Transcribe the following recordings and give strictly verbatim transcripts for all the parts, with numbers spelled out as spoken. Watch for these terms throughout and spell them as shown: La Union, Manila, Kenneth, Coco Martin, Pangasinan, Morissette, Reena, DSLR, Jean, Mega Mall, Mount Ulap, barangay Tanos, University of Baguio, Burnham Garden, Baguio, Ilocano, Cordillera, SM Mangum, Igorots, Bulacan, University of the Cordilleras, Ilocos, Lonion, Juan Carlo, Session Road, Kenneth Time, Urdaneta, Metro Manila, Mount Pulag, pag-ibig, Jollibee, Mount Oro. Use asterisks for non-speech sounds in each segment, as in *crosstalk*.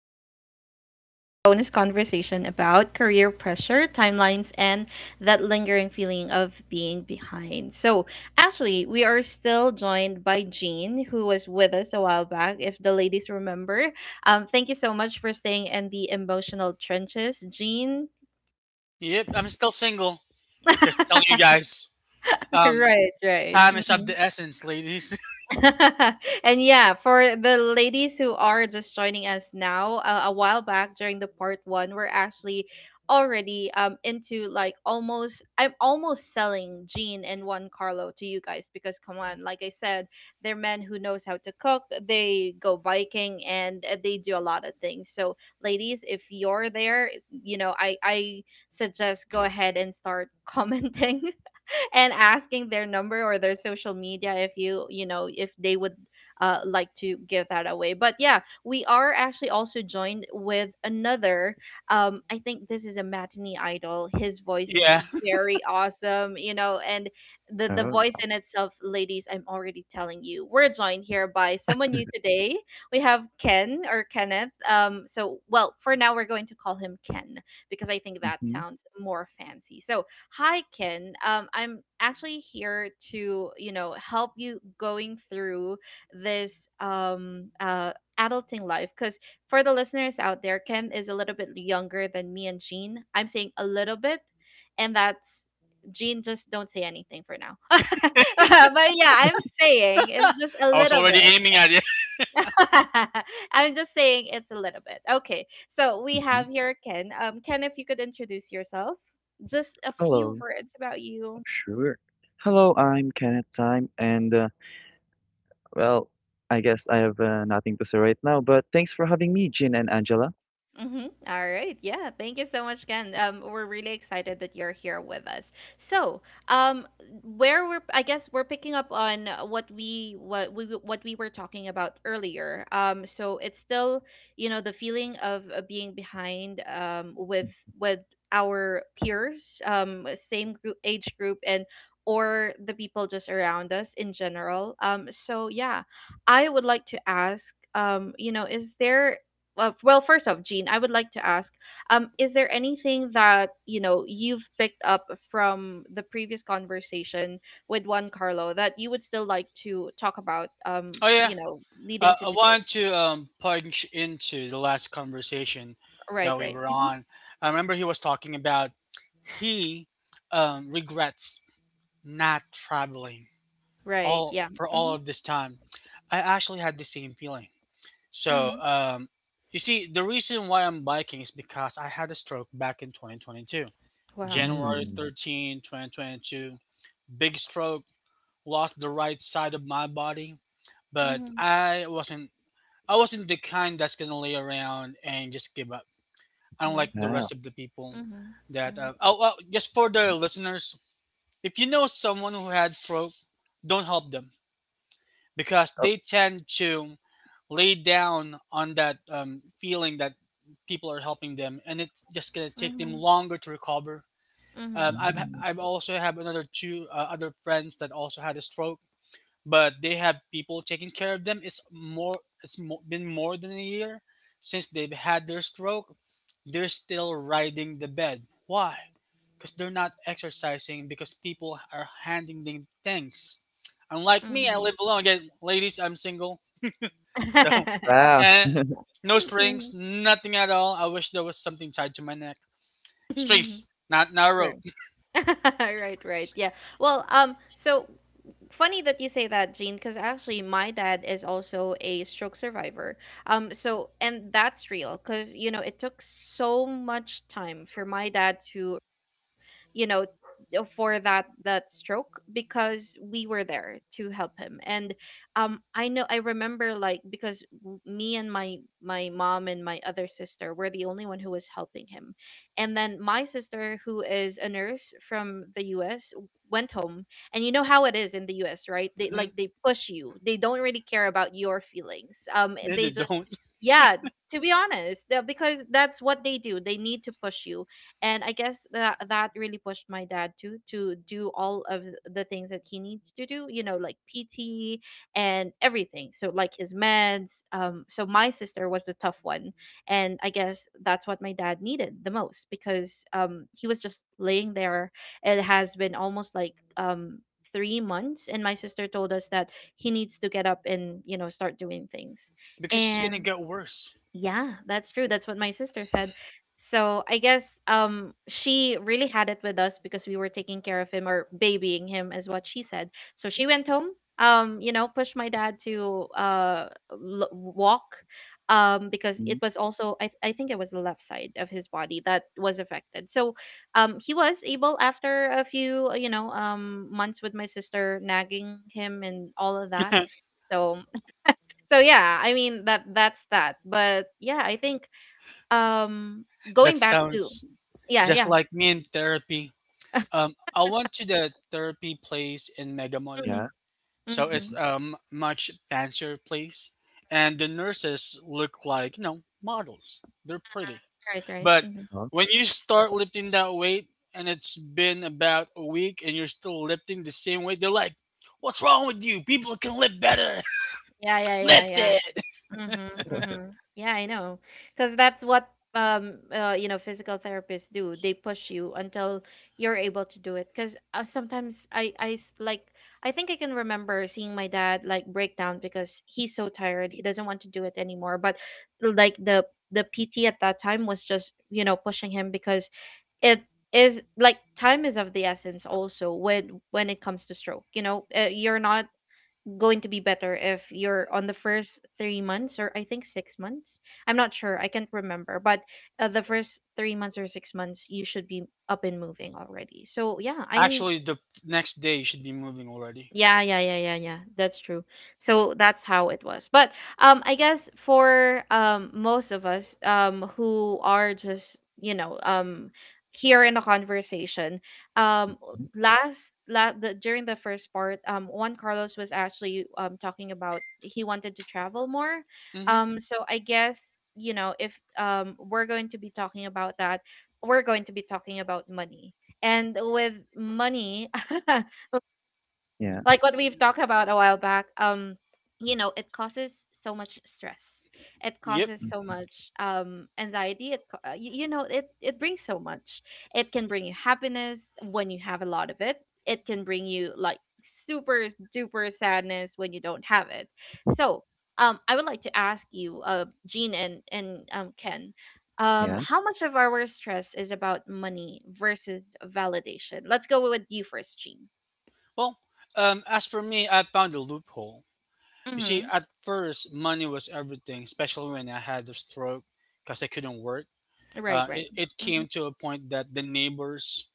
is part two of our bonus conversation about career pressure, timelines, and that lingering feeling of being behind. So, actually, we are still joined by Jean, who was with us a while back, if the ladies remember. Um, thank you so much for staying in the emotional trenches, Jean. Yep, I'm still single. Just telling you *laughs* guys. Um, Right, right. Time is of the essence, ladies. *laughs* And yeah, for the ladies who are just joining us now, uh, a while back during the part one, we're actually already um into like almost I'm almost selling Jean and Juan Carlo to you guys because come on, like I said, they're men who knows how to cook. They go biking and uh, they do a lot of things. So ladies, if you're there, you know I I suggest go ahead and start commenting. *laughs* *laughs* And asking their number or their social media if you you know if they would uh, like to give that away. But yeah, we are actually also joined with another, um I think this is a matinee idol. His voice is *laughs* Yeah, very awesome, you know, and the the Oh, voice in itself, ladies, I'm already telling you, we're joined here by someone new today. We have Ken or Kenneth. Um so well, for now we're going to call him Ken because I think that mhm, sounds more fancy. So hi, Ken. Um, I'm actually here to, you know, help you going through this, um uh adulting life. Because for the listeners out there, Ken is a little bit younger than me and Jean. I'm saying a little bit, and that's Jean. Just don't say anything for now. *laughs* But yeah, I'm saying it's just a I was little already bit. aiming at it. *laughs* *laughs* I'm just saying it's a little bit. Okay. So we mhm. have here Ken. Um, Ken, if you could introduce yourself, just a few Hello. words about you. Sure. Hello, I'm Kenneth Time, and uh, well, I guess I have uh, nothing to say right now, but thanks for having me, Jin and Angela. Mm-hmm. All right. Yeah. Thank you so much, Ken. Um, we're really excited that you're here with us. So, um, where we're, I guess we're picking up on what we what we what we were talking about earlier. Um, so it's still, you know, the feeling of uh, being behind, um, with with our peers, um, same group, age group, and or the people just around us in general. Um, so yeah, I would like to ask, um, you know, is there, uh, well, first off, Jean, I would like to ask, um is there anything that, you know, you've picked up from the previous conversation with Juan Carlo that you would still like to talk about, um Oh yeah, you know, leading uh, to I today. wanted to um, punch into the last conversation Right, that we right. were Hmm. on. I remember he was talking about he um, regrets not traveling Right. all Yeah. for all Mm-hmm. of this time. I actually had the same feeling. So Mm-hmm. um, you see, the reason why I'm biking is because I had a stroke back in twenty twenty-two. Wow. Mm-hmm. Ooh, January thirteenth, twenty twenty-two. Big stroke, lost the right side of my body, but Mm-hmm. I wasn't I wasn't the kind that's gonna lay around and just give up. Unlike the yeah. rest of the people Mm-hmm. that uh, oh well, just for the listeners, if you know someone who had stroke, don't help them because Oh, they tend to lay down on that um, feeling that people are helping them, and it's just gonna take Mm-hmm. them Mm-hmm. longer to recover. Mm-hmm. Um, I've mm, I've also have another two uh, other friends that also had a stroke, but they have people taking care of them. It's more it's mo- been more than a year since they've had their stroke. They're still riding the bed. Why? Because they're not exercising. Because people are handing them things. Unlike Mm-hmm. me, I Mm-hmm. live alone. Again, ladies, I'm single, *laughs* so *laughs* wow. and no *laughs* strings, Mhm. nothing at all. I wish there was something tied to my neck. Strings, not not a *laughs* rope. *laughs* Right, right. Yeah. Well, um, so Funny that you say that, Jean, because actually my dad is also a stroke survivor. Um, so and that's real, because you know it took so much time for my dad to, you know, uh, for that that stroke because we were there to help him. And um I know I remember, like, because w- me and my my mom and my other sister were the only one who was helping him, and then my sister, who is a nurse from the U S, went home. And you know how it is in the U S, right? *laughs* They, like, Mhm. they push you, they don't really care about your feelings. Um they just, Don't, yeah, to be honest, uh, because that's what they do, they need to push you. And I guess that that really pushed my dad too to do all of the things that he needs to do, you know, like P T and everything, so like his meds. Um so my sister was the tough one, and I guess that's what my dad needed the most, because um he was just laying there, it has been almost like um three months, and my sister told us that he needs to get up and, you know, start doing things. because it's gonna And. get worse. Yeah, that's true. That's what my sister said. So I guess um she really had it with us because we were taking care of him or babying him is what she said. So she went home, um, you know, pushed my dad to uh l- walk, um because Mm, it was also, I I think it was the left side of his body that was affected. So um he was able after a few, you know, um months with my sister nagging him and all of that. *laughs* So. So yeah, I mean, that that's that. But yeah, I think um That going back to, sounds yeah, just yeah. like me in therapy. Um, I went to the therapy place in Mega Mall, Mhm. yeah. so it's Mhm. Mhm. um much fancier place, and the nurses look like you know models. They're pretty, Right, right. but Mhm. Oh, when you start lifting that weight, and it's been about a week, and you're still lifting the same weight, they're like, "What's wrong with you? People can lift better. Yeah, yeah, *laughs* yeah, Lift yeah. it." Mm-hmm, mm-hmm. Yeah, I know. Because that's what, um uh you know, physical therapists do. They push you until you're able to do it. Because uh, sometimes I I s- like I think I can remember seeing my dad, like, break down because he's so tired. He doesn't want to do it anymore. But like the the P T at that time was just, you know, pushing him because it is, like, time is of the essence also when when it comes to stroke. You know, uh, you're not going to be better if you're on the first three months or I think six months. I'm not sure. I can't remember. But uh, the first three months or six months, you should be up and moving already. So yeah, I mean, Actually, the next day you should be moving already. yeah, yeah, yeah, yeah, yeah. That's true. So that's how it was. But um I guess for um most of us um who are just, you know, um, here in the conversation, um mhm, last la- the, during the first part, um Juan Carlos was actually um talking about he wanted to travel more. Mm-hmm. Um so I guess, you know, if um we're going to be talking about that, we're going to be talking about money. And with money, *laughs* yeah. like what we've talked about a while back, um you know, it causes so much stress, it Yep. causes so Mhm. much um anxiety, it ca- uh, y- you know, it it brings so much, it can bring you happiness when you have a lot of it, it can bring you, like, super duper sadness when you don't have it. So um I would like to ask you, uh Jean and and um, Ken, um Yeah. how much of our stress is about money versus validation. Let's go with you first, Jean. Well, um, as for me, I found a loophole. You see, at first, money was everything, especially when I had a stroke because I couldn't work. Right, Uh, right. it, it Mhm. came to a point that the neighbors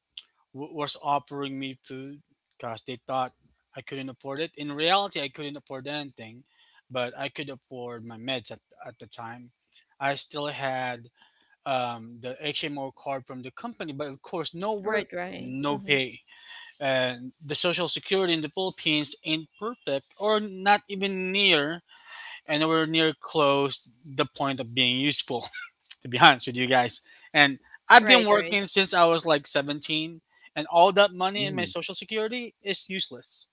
w- was offering me food because they thought I couldn't afford it. In reality, I couldn't afford anything, but I could afford my meds at, at the time. I still had um, the H M O card from the company, but of course, no work, Right, right. no Mhm. pay, and the social security in the Philippines ain't perfect or not even near and nowhere near close the point of being useful, *laughs* to be honest with you guys. And I've been Right, right. working since I was like seventeen, and all that money in my Ooh, social security is useless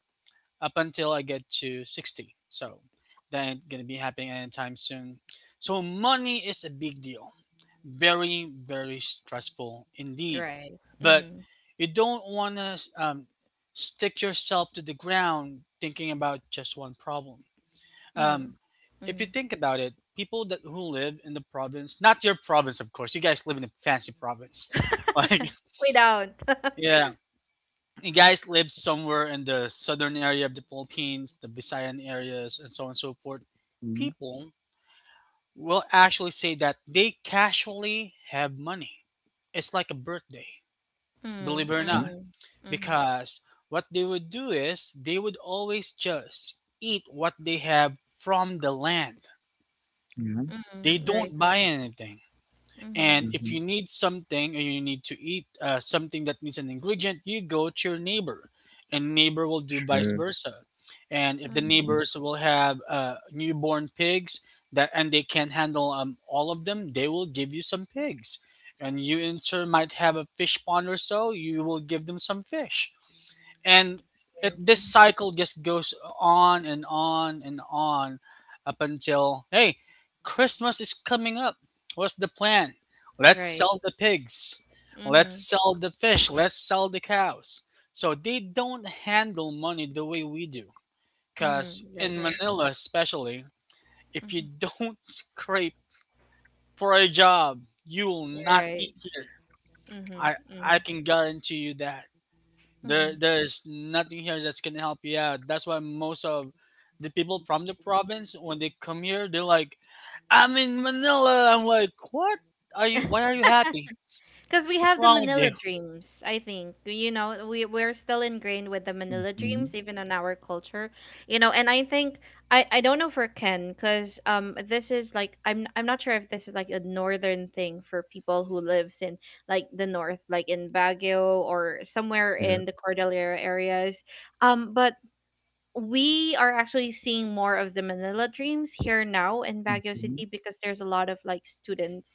up until I get to sixty, so that ain't gonna be happening anytime soon. So money is a big deal, very, very stressful indeed. Right. But Mhm. you don't want to um, stick yourself to the ground thinking about just one problem. Mm, Um, if you mhm. think about it, people that who live in the province, not your province, of course. You guys live in a fancy province, *laughs* like We don't. *laughs* yeah. You guys live somewhere in the southern area of the Philippines, the Visayan areas, and so on and so forth. mm, People will actually say that they casually have money. It's like a birthday, Mm, believe it or okay. not. mhm. Mhm. Because what they would do is they would always just eat what they have from the land. Yeah. They Mhm. Right, don't buy right. anything. Mhm. And if Mm-hmm. you need something or you need to eat uh, something that needs an ingredient, you go to your neighbor, and neighbor will do vice Sure. versa. And if the Mhm. neighbors will have uh, newborn pigs that and they can't handle um, all of them, they will give you some pigs. And you in turn might have a fish pond or so, you will give them some fish, and it, Right. this Mhm. cycle just goes on and on and on up until, hey, Christmas is coming up, what's the plan? Let's Right. sell the pigs, let's Mhm. sell the fish, let's sell the cows. So they don't handle money the way we do, Mhm. because Right, in right. Manila especially, if you Mhm. don't *laughs* scrape for a job, you will You're not right. eat here. Mhm. I i Mhm. can guarantee you that there, Mhm. there's nothing here that's gonna help you out. That's why most of the people from the province, when they come here, they're like, "I'm in Manila." I'm like, "What? Are you? Why are you happy? Because we What's have the wrong with Manila you?" dreams, I think. You know, we we're still ingrained with the Manila Mm-hmm. dreams, even in our culture. You know, and I think, I I don't know for Ken, because um this is like, I'm I'm not sure if this is like a northern thing for people who lives in, like, the north, like in Baguio or somewhere Yeah. in the Cordillera areas. Um, but we are actually seeing more of the Manila Dreams here now in Baguio Mm-hmm. City because there's a lot of, like, students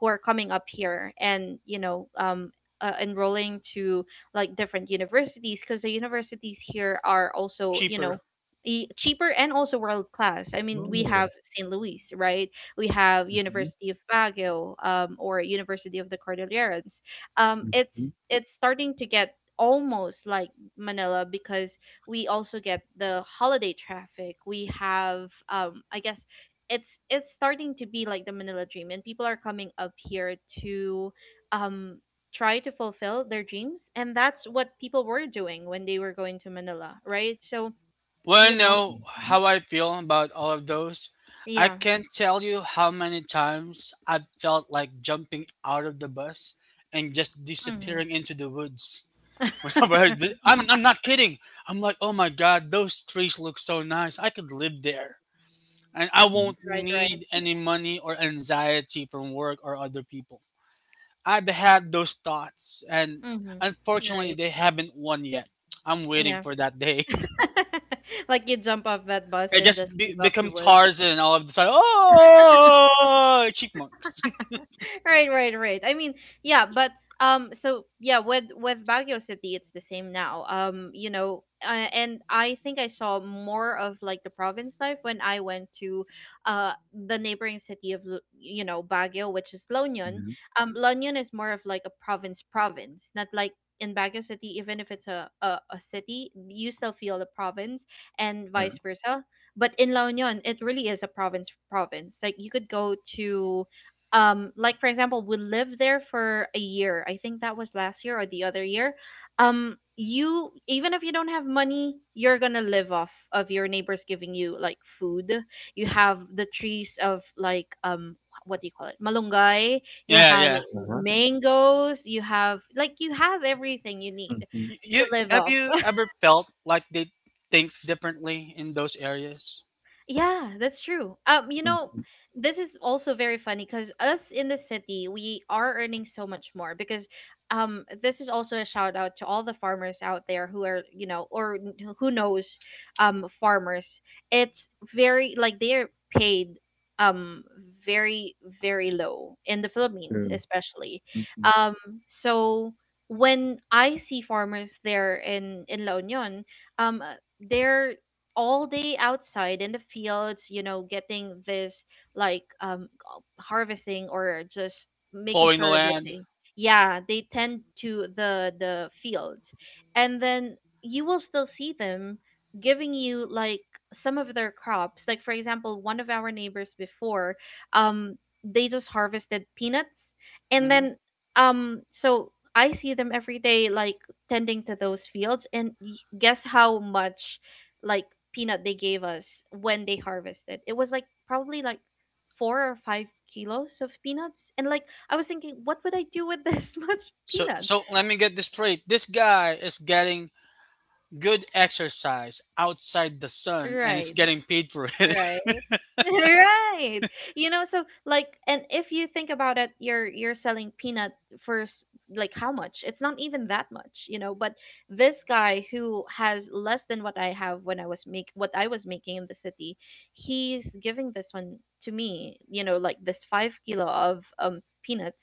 who are coming up here and, you know, um uh, enrolling to, like, different universities because the universities here are also, you know, Cheaper. e- cheaper and also world class. I mean, we Oh. have Saint Louis, right? We have Mm-hmm. University of Baguio um or University of the Cordilleras. Um it's Mm-hmm. it's starting to get almost like Manila because we also get the holiday traffic. We have, um I guess, it's it's starting to be like the Manila dream, and people are coming up here to um try to fulfill their dreams, and that's what people were doing when they were going to Manila, right? So Well, you know, no, Mm-hmm. how I feel about all of those. I yeah. can't tell you how many times I've felt like jumping out of the bus and just Hmm. disappearing into the woods. *laughs* Whenever I, *laughs* I'm, I'm not kidding. I'm like, oh my god, those trees look so nice. I could live there. And I Mm-hmm. won't Right, need right. any money or anxiety from work or other people. I've had those thoughts, and Hmm. unfortunately, Right. they haven't won yet. I'm waiting Yeah. for that day. *laughs* *laughs* Like you jump off that bus I and just just be- leave off become the woods. Tarzan, and all of a sudden, oh, chipmunks. *laughs* Right, right, right. I mean, yeah, but um, so yeah, with with Baguio City, it's the same now. Um, you know, uh, and I think I saw more of, like, the province life when I went to uh the neighboring city of, Lu- you know, Baguio, which is Lonion. Yeah. Um, Lonion is more of, like, a province province, not like in Baguio City. Even if it's a a, a city, you still feel the province, and Yeah. vice versa. But in La Union, it really is a province province. Like you could go to, um like for example, we lived there for a year. I think that was last year or the other year. Um you, even if you don't have money, you're gonna live off of your neighbors giving you, like, food. You have the trees of like, um what do you call it, malunggay. You Yeah, have yeah. What? mangoes, you have like, you have everything you need Mm-hmm. Y- You to live have off. you ever felt like they think differently in those areas, Yeah, that's true. Um, you know, Mm-hmm. This is also very funny because us in the city, we are earning so much more because um this is also a shout out to all the farmers out there who are, you know, or n- who knows um farmers. It's very like they're paid um very very low in the Philippines True. especially. Mm-hmm. Um so when I see farmers there in in La Union, um they're all day outside in the fields, you know, getting this like um harvesting or just making plowing the sure that land? they yeah, they tend to the the fields. And then you will still see them giving you like some of their crops. Like for example, one of our neighbors before, um they just harvested peanuts and Hmm. then um so I see them every day like tending to those fields and y- guess how much like peanut they gave us when they harvested. It was like probably like four or five kilos of peanuts. And like I was thinking, what would I do with this *laughs* much So, peanut? so let me get this straight. This guy is getting good exercise outside the sun and it's Right, getting paid for it. right. *laughs* Right. You know, so like, and if you think about it, you're you're selling peanut for s- like how much? It's not even that much, you know, but this guy who has less than what I have when I was make what I was making in the city, he's giving this one to me, you know, like this five kilo of um peanuts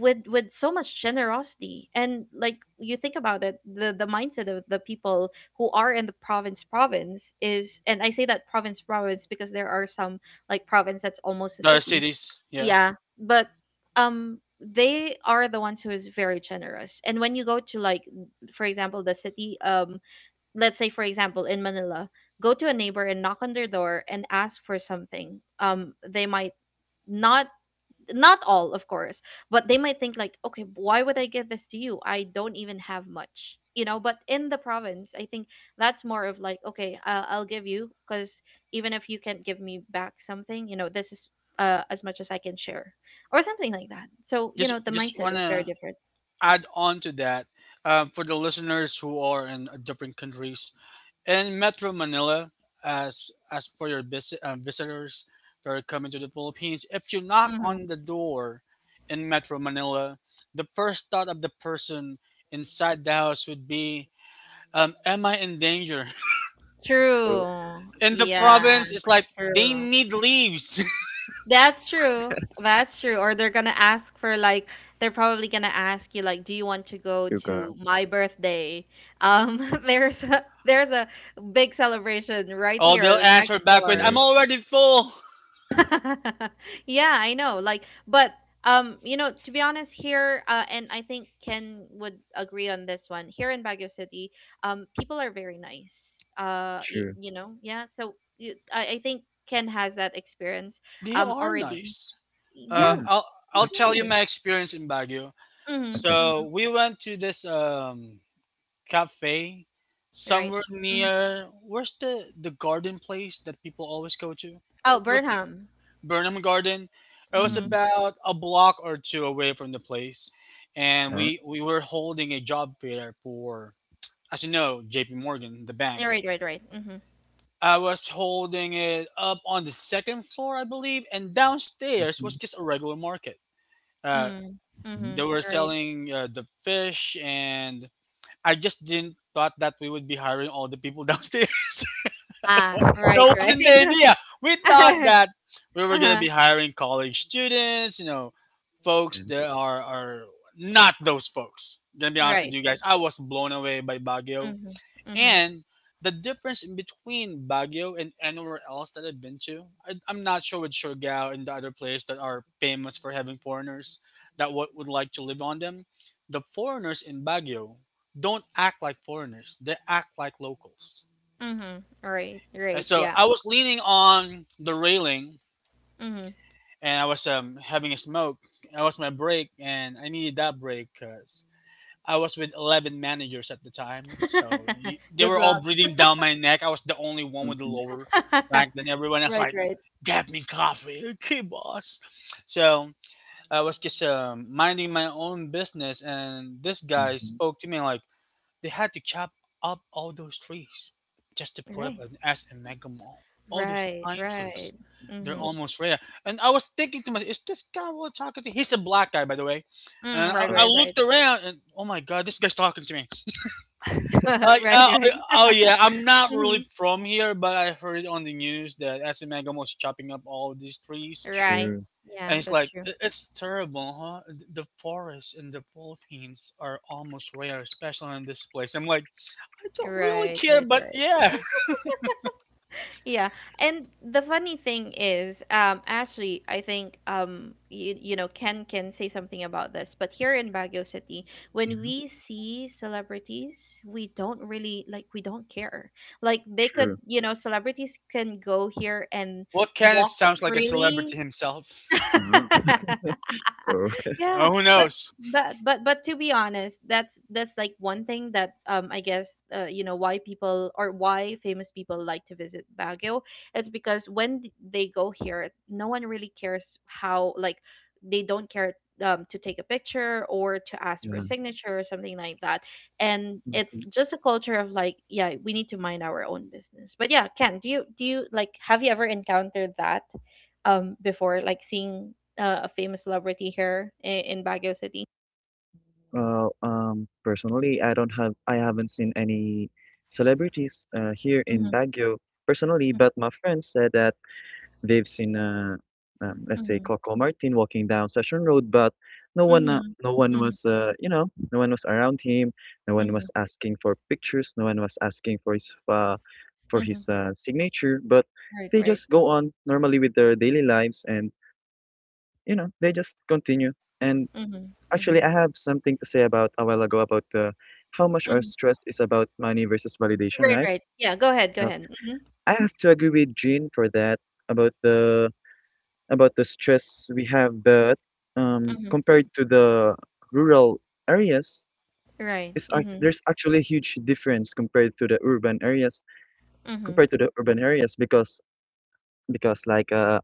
with with so much generosity. And like, you think about it, the the mindset of the people who are in the province province, is and I say that province province because there are some like province that's almost *laughs* a Other city, cities, yeah. yeah, but um they are the ones who is very generous. And when you go to like for example the city, um let's say for example in Manila, go to a neighbor and knock on their door and ask for something, um they might not, not all of course, but they might think like, okay, why would I give this to you? I don't even have much, you know. But in the province, I think that's more of like, okay, i'll, I'll give you because even if you can't give me back something, you know, this is uh, as much as I can share, or something like that. So you know, Just the just mindset is very wanna different. add on to that, um, for the listeners who are in uh, different countries in Metro Manila. As as for your visit, uh, visitors that are coming to the Philippines, if you knock hmm on the door in Metro Manila, the first thought of the person inside the house would be, um, "Am I in danger?" Oh, True. *laughs* In the Yeah, province, it's like they true. need leaves. *laughs* That's true. That's true. Or they're gonna ask for like, they're probably gonna ask you like, do you want to go sugar. to my birthday? Um, *laughs* there's a, there's a big celebration right Oh, they'll here next answer back with, door. "I'm Very already full." *laughs* *laughs* Yeah, I know. Like, but um, you know, to be honest, here uh, and I think Ken would agree on this one. Here in Baguio City, um, people are very nice. Uh, you, true. you know, yeah. So you, I, I think Ken has that experience They um are already. nice. Yeah, Uh, Yeah. I'll I'll tell you Louisiana. Actually. my experience in Baguio. Mm-hmm. Okay. Mm-hmm. So we went to this um cafe Right. somewhere Mm-hmm. near, where's the the garden place that people always go to? Oh, What what the Burnham. Burnham Garden? It was Mm-hmm. Mm-hmm. about a block or two away from the place, and Yeah. we we were holding a job fair for, as you know, J P. Morgan, the Yeah, bank. right, right, right. Mm-hmm. I was holding it up on the second floor, I believe, and downstairs was Mm-hmm. just a regular market. Uh, Mm. Mm-hmm. Mm-hmm. they were Right. selling uh, the fish, and I just didn't thought that we would be hiring all the people downstairs. *laughs* That Ah, right, right. wasn't the *laughs* idea. We thought Uh-huh. that we were gonna Uh-huh. be hiring college students, you know, folks Yeah. that are are not those folks. Gonna be honest with Right, you guys, right. I was blown away by Baguio Mm-hmm. Mm-hmm. and the difference in between Baguio and anywhere else that I've been to. I, I'm not sure with Surigao and the other place that are famous for having foreigners that would would like to live on them. The foreigners in Baguio don't act like foreigners; they act like locals. Mm-hmm. Right, Uh, right. So Yeah. I was leaning on the railing Mm-hmm. and I was um, having a smoke. That was my break, and I needed that break 'cause I was with eleven managers at the time. So you, *laughs* they Good were all luck. breathing down my neck. I was the only one with the Mm-hmm. lower rank *laughs* than everyone else. Right, Like, right. get me coffee. *laughs* Okay, boss. So I was just um, minding my own business. And this guy Mm-hmm. spoke to me like, they had to chop up all those trees just to put up Right. an S in Mega Mall. All those Right, pine right. trees. They're Mm-hmm. Oh. almost rare. And I was thinking to myself, is this guy really talking to, he's a black guy, by the way. And Mm, I, right, Oh. I right, right. looked around and, oh my God, this guy's talking to me. *laughs* Like, Right, uh, oh right. oh, yeah, I'm not Mm-hmm. really from here, but I heard it on the news that S M Mangum was chopping up all these trees, Right. True. and Yeah, it's that's like, true. "I- it's terrible, huh? The forests in the Philippines are almost rare, especially in this place." I'm like, I don't really Right, care, right, but right. yeah. Yeah, and the funny thing is, um, actually, I think um, you, you know, Ken can say something about this, but here in Baguio City, when Yeah. we see celebrities, we don't really like, we don't care. Like they could, True. you know, celebrities can go here and Well, Kenneth walk sounds like a celebrity freely. himself. So, *laughs* Oh. Oh. *laughs* Yeah, oh, who but knows? *laughs* but but but to be honest, that's that's like one thing that um I guess uh, you know why people or why famous people like to visit Baguio. It's because when th- they go here, no one really cares how, like they don't care um to take a picture or to ask for a Yeah. signature or something like that. And it's Mm-hmm. just a culture of like, yeah, we need to mind our own business. But yeah, Ken, do you do you like, have you ever encountered that? Um before, like seeing uh, a famous celebrity here in, in Baguio City. Well, um, personally, I don't have, I haven't seen any celebrities uh, here in Mhm, Baguio personally, but my friends said that they've seen, uh, um, let's say, mhm, Coco Martin walking down Session Road, but no one, uh, mhm, no one mhm, was, uh, you know, no one was around him, no one mhm, was asking for pictures, no one was asking for his, uh, for mhm. his uh, signature, but Right, they right. just go on normally with their daily lives, and you know, they just continue. And Mhm, actually, mhm, I have something to say about a while ago about uh, how much our mhm. stress is about money versus validation, Right, right? right. Yeah, go ahead, go So ahead. Mhm, I have to agree with Jean for that about the about the stress we have, but um, mhm. compared to the rural areas, Right. it's act Mhm, there's actually a huge difference compared to the urban areas mhm, compared to the urban areas because because like uh,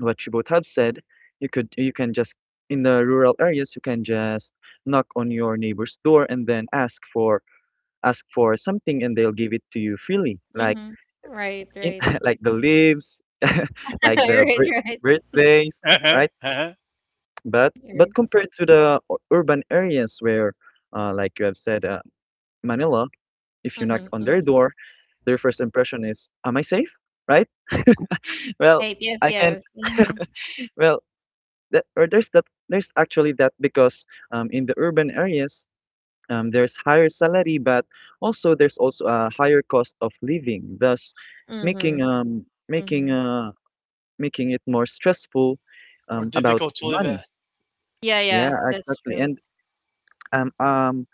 what you both have said, you could you can just in the rural areas you can just knock on your neighbor's door and then ask for ask for something and they'll give it to you freely, like mhm. Right, in, right. *laughs* like the leaves, *laughs* like *laughs* the Right, bir- right. birthdays, Uh-huh, right? uh-huh. But but Right. compared to the u- urban areas where, uh, like you have said, uh, Manila, if you knock Mhm, on their mhm. door, their first impression is, "Am I safe?" Right? *laughs* Well, Right. Yes, I can. yes. Mhm, *laughs* Well, that, or there's that. There's actually that because um, in the urban areas, um, there's higher salary, but also there's also a higher cost of living, thus making mhm, um making mhm. uh making it more stressful um, Or about difficult to live money. at. Yeah, Yeah, yeah. That's exactly. true. And um um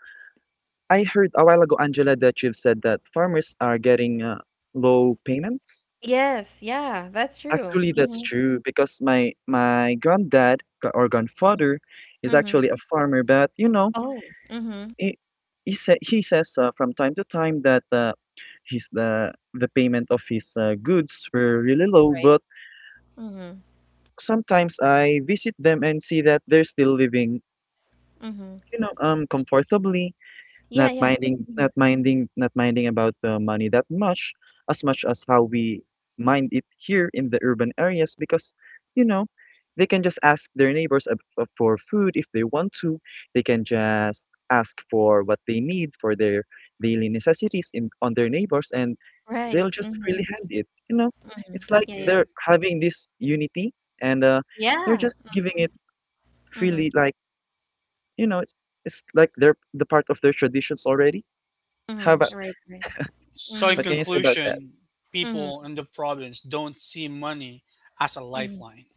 I heard a while ago, Angela, that you've said that farmers are getting uh, low payments. Yes, yeah, that's true. Actually, that's Mhm, true because my my granddad g- or grandfather is mhm. actually a farmer, but you know Oh, mhm. he he sa- he says uh, from time to time that uh, his the the payment of his uh, goods were really low, Right. but Mhm, sometimes I visit them and see that they're still living, mhm. you know, um, comfortably. Yeah, not yeah. minding not Mhm. minding not minding about the money that much as much as how we mind it here in the urban areas because you know they can just ask their neighbors ab- uh, for food if they want to. They can just ask for what they need for their daily necessities in on their neighbors, and Right. they'll just freely Mhm. hand it, you know. It's like Yeah, Yeah. yeah. they're having this unity, and uh, they're Yeah. just giving it Mhm. freely, like you know it's, it's like they're the part of their traditions already. How Mhm. about S- Right, right. So, in What Mhm. can you say about that? conclusion, Mhm. people in the province don't see money as a Mhm. lifeline.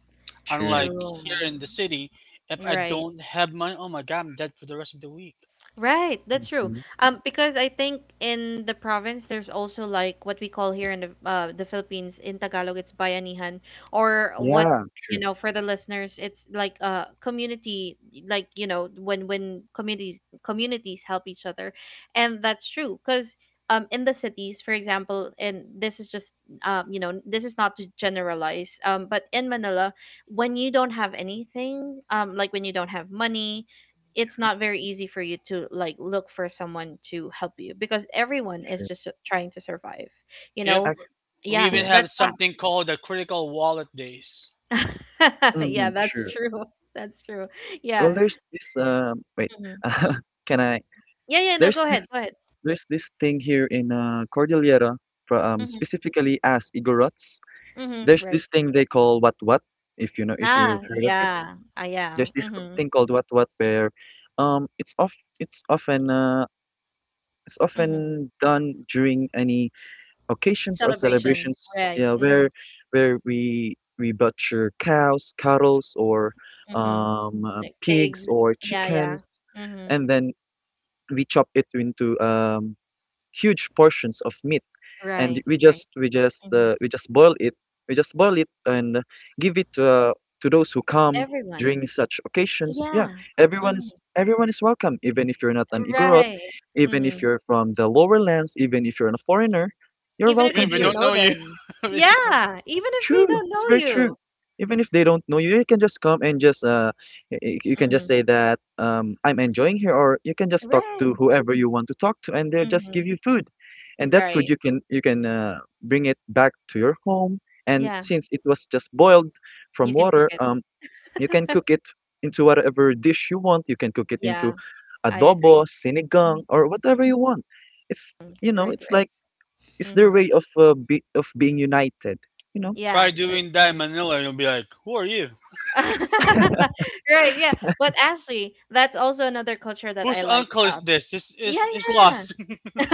True. Unlike True. here in the city, if You're I right. don't have money, oh my god, I'm dead for the rest of the week. Right, that's true. Mhm. Um, because I think in the province there's also like what we call here in the uh the Philippines in Tagalog, it's bayanihan, or, what, Yeah. you True. know, for the listeners, it's like a community. Like you know, when when communities communities help each other. And that's true, because um in the cities, for example, and this is just, um you know, this is not to generalize, um but in Manila, when you don't have anything, um like when you don't have money, it's not very easy for you to like look for someone to help you, because everyone is True. just su- trying to survive, you Yep. know. Ac We Yeah, even yeah. that's have that. something called the critical wallet days. *laughs* Yeah, Mhm, that's true. true. *laughs* That's true. Well, Yeah. there's this um wait. Hmm. *laughs* uh, Can I? Yeah, yeah, no, There's go this ahead, go ahead. there's this thing here in uh, Cordillera, fro- um, Hmm. specifically as Igorots. Hmm. There's Right. this thing they call what what, if you know if Ah, you've heard of it. yeah. Ah, yeah. There's this c- Hmm. thing called what what where, um, it's of it's often uh, it's Hmm. often done during any occasions or Celebration. celebrations, Right. yeah, Hmm. where where we we butcher cows, cattles, or Hmm. Um, uh, like pigs pigs. or Yeah, yeah. chickens, Hmm. and then we chop it into um, huge portions of meat, and Right, we right. Just we just hmm. uh, we just boil it, we just boil it and give it uh, to those who come Everyone. during such occasions. Yeah, Yeah. Everyone hmm. is everyone is welcome, even if you're not an Igorot, Right. even Hmm. if you're from the lower lands, even if you're a foreigner, you're Even if Even welcome you if we don't here. don't know know you, them. *laughs* basically. Yeah, even if we True. don't It's know very you. true. Even if they don't know you, you can just come and just uh, y- y- you can just Mm-hmm. say that um, I'm enjoying here, or you can just talk to Right. whoever you want to talk to, and they'll just Mm-hmm. give you food, and that food Right. you can you can uh, bring it back to your home, and Yeah, since it was just boiled you from can cook water, um, you can it. *laughs* cook it into whatever dish you want. You can cook it into Yeah, I agree. adobo, Hmm. sinigang, or whatever Hmm. you want. It's You know, Right, it's right. like it's their Hmm. way of uh, be, of being united, you know. Yeah, Try that's doing that in true. Manila, and you'll be like, who are you? *laughs* Right, yeah. But actually, that's also another culture that I Whose like. uncle is Um, this? This yeah, is is lost. *laughs*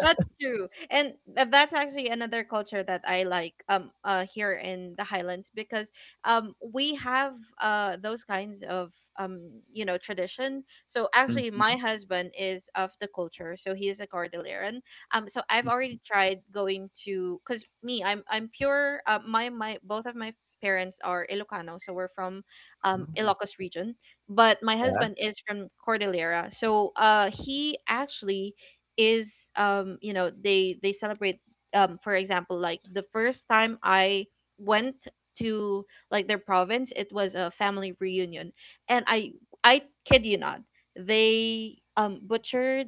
that's true. And uh, that's actually another culture that I like um uh here in the highlands, because um we have uh those kinds of um you know, tradition. So actually, Mm-hmm. my husband is of the culture, so he is a Cordilleran. Um so I've Mhm. already tried going to, because me, i'm I'm pure, uh, my my both of my parents are Ilocano, so we're from um Oh, Ilocos region, but my yeah, husband is from Cordillera, so uh he actually is, um you know, they they celebrate, um for example, like the first time I went to like their province, it was a family reunion, and I I kid you not, they um butchered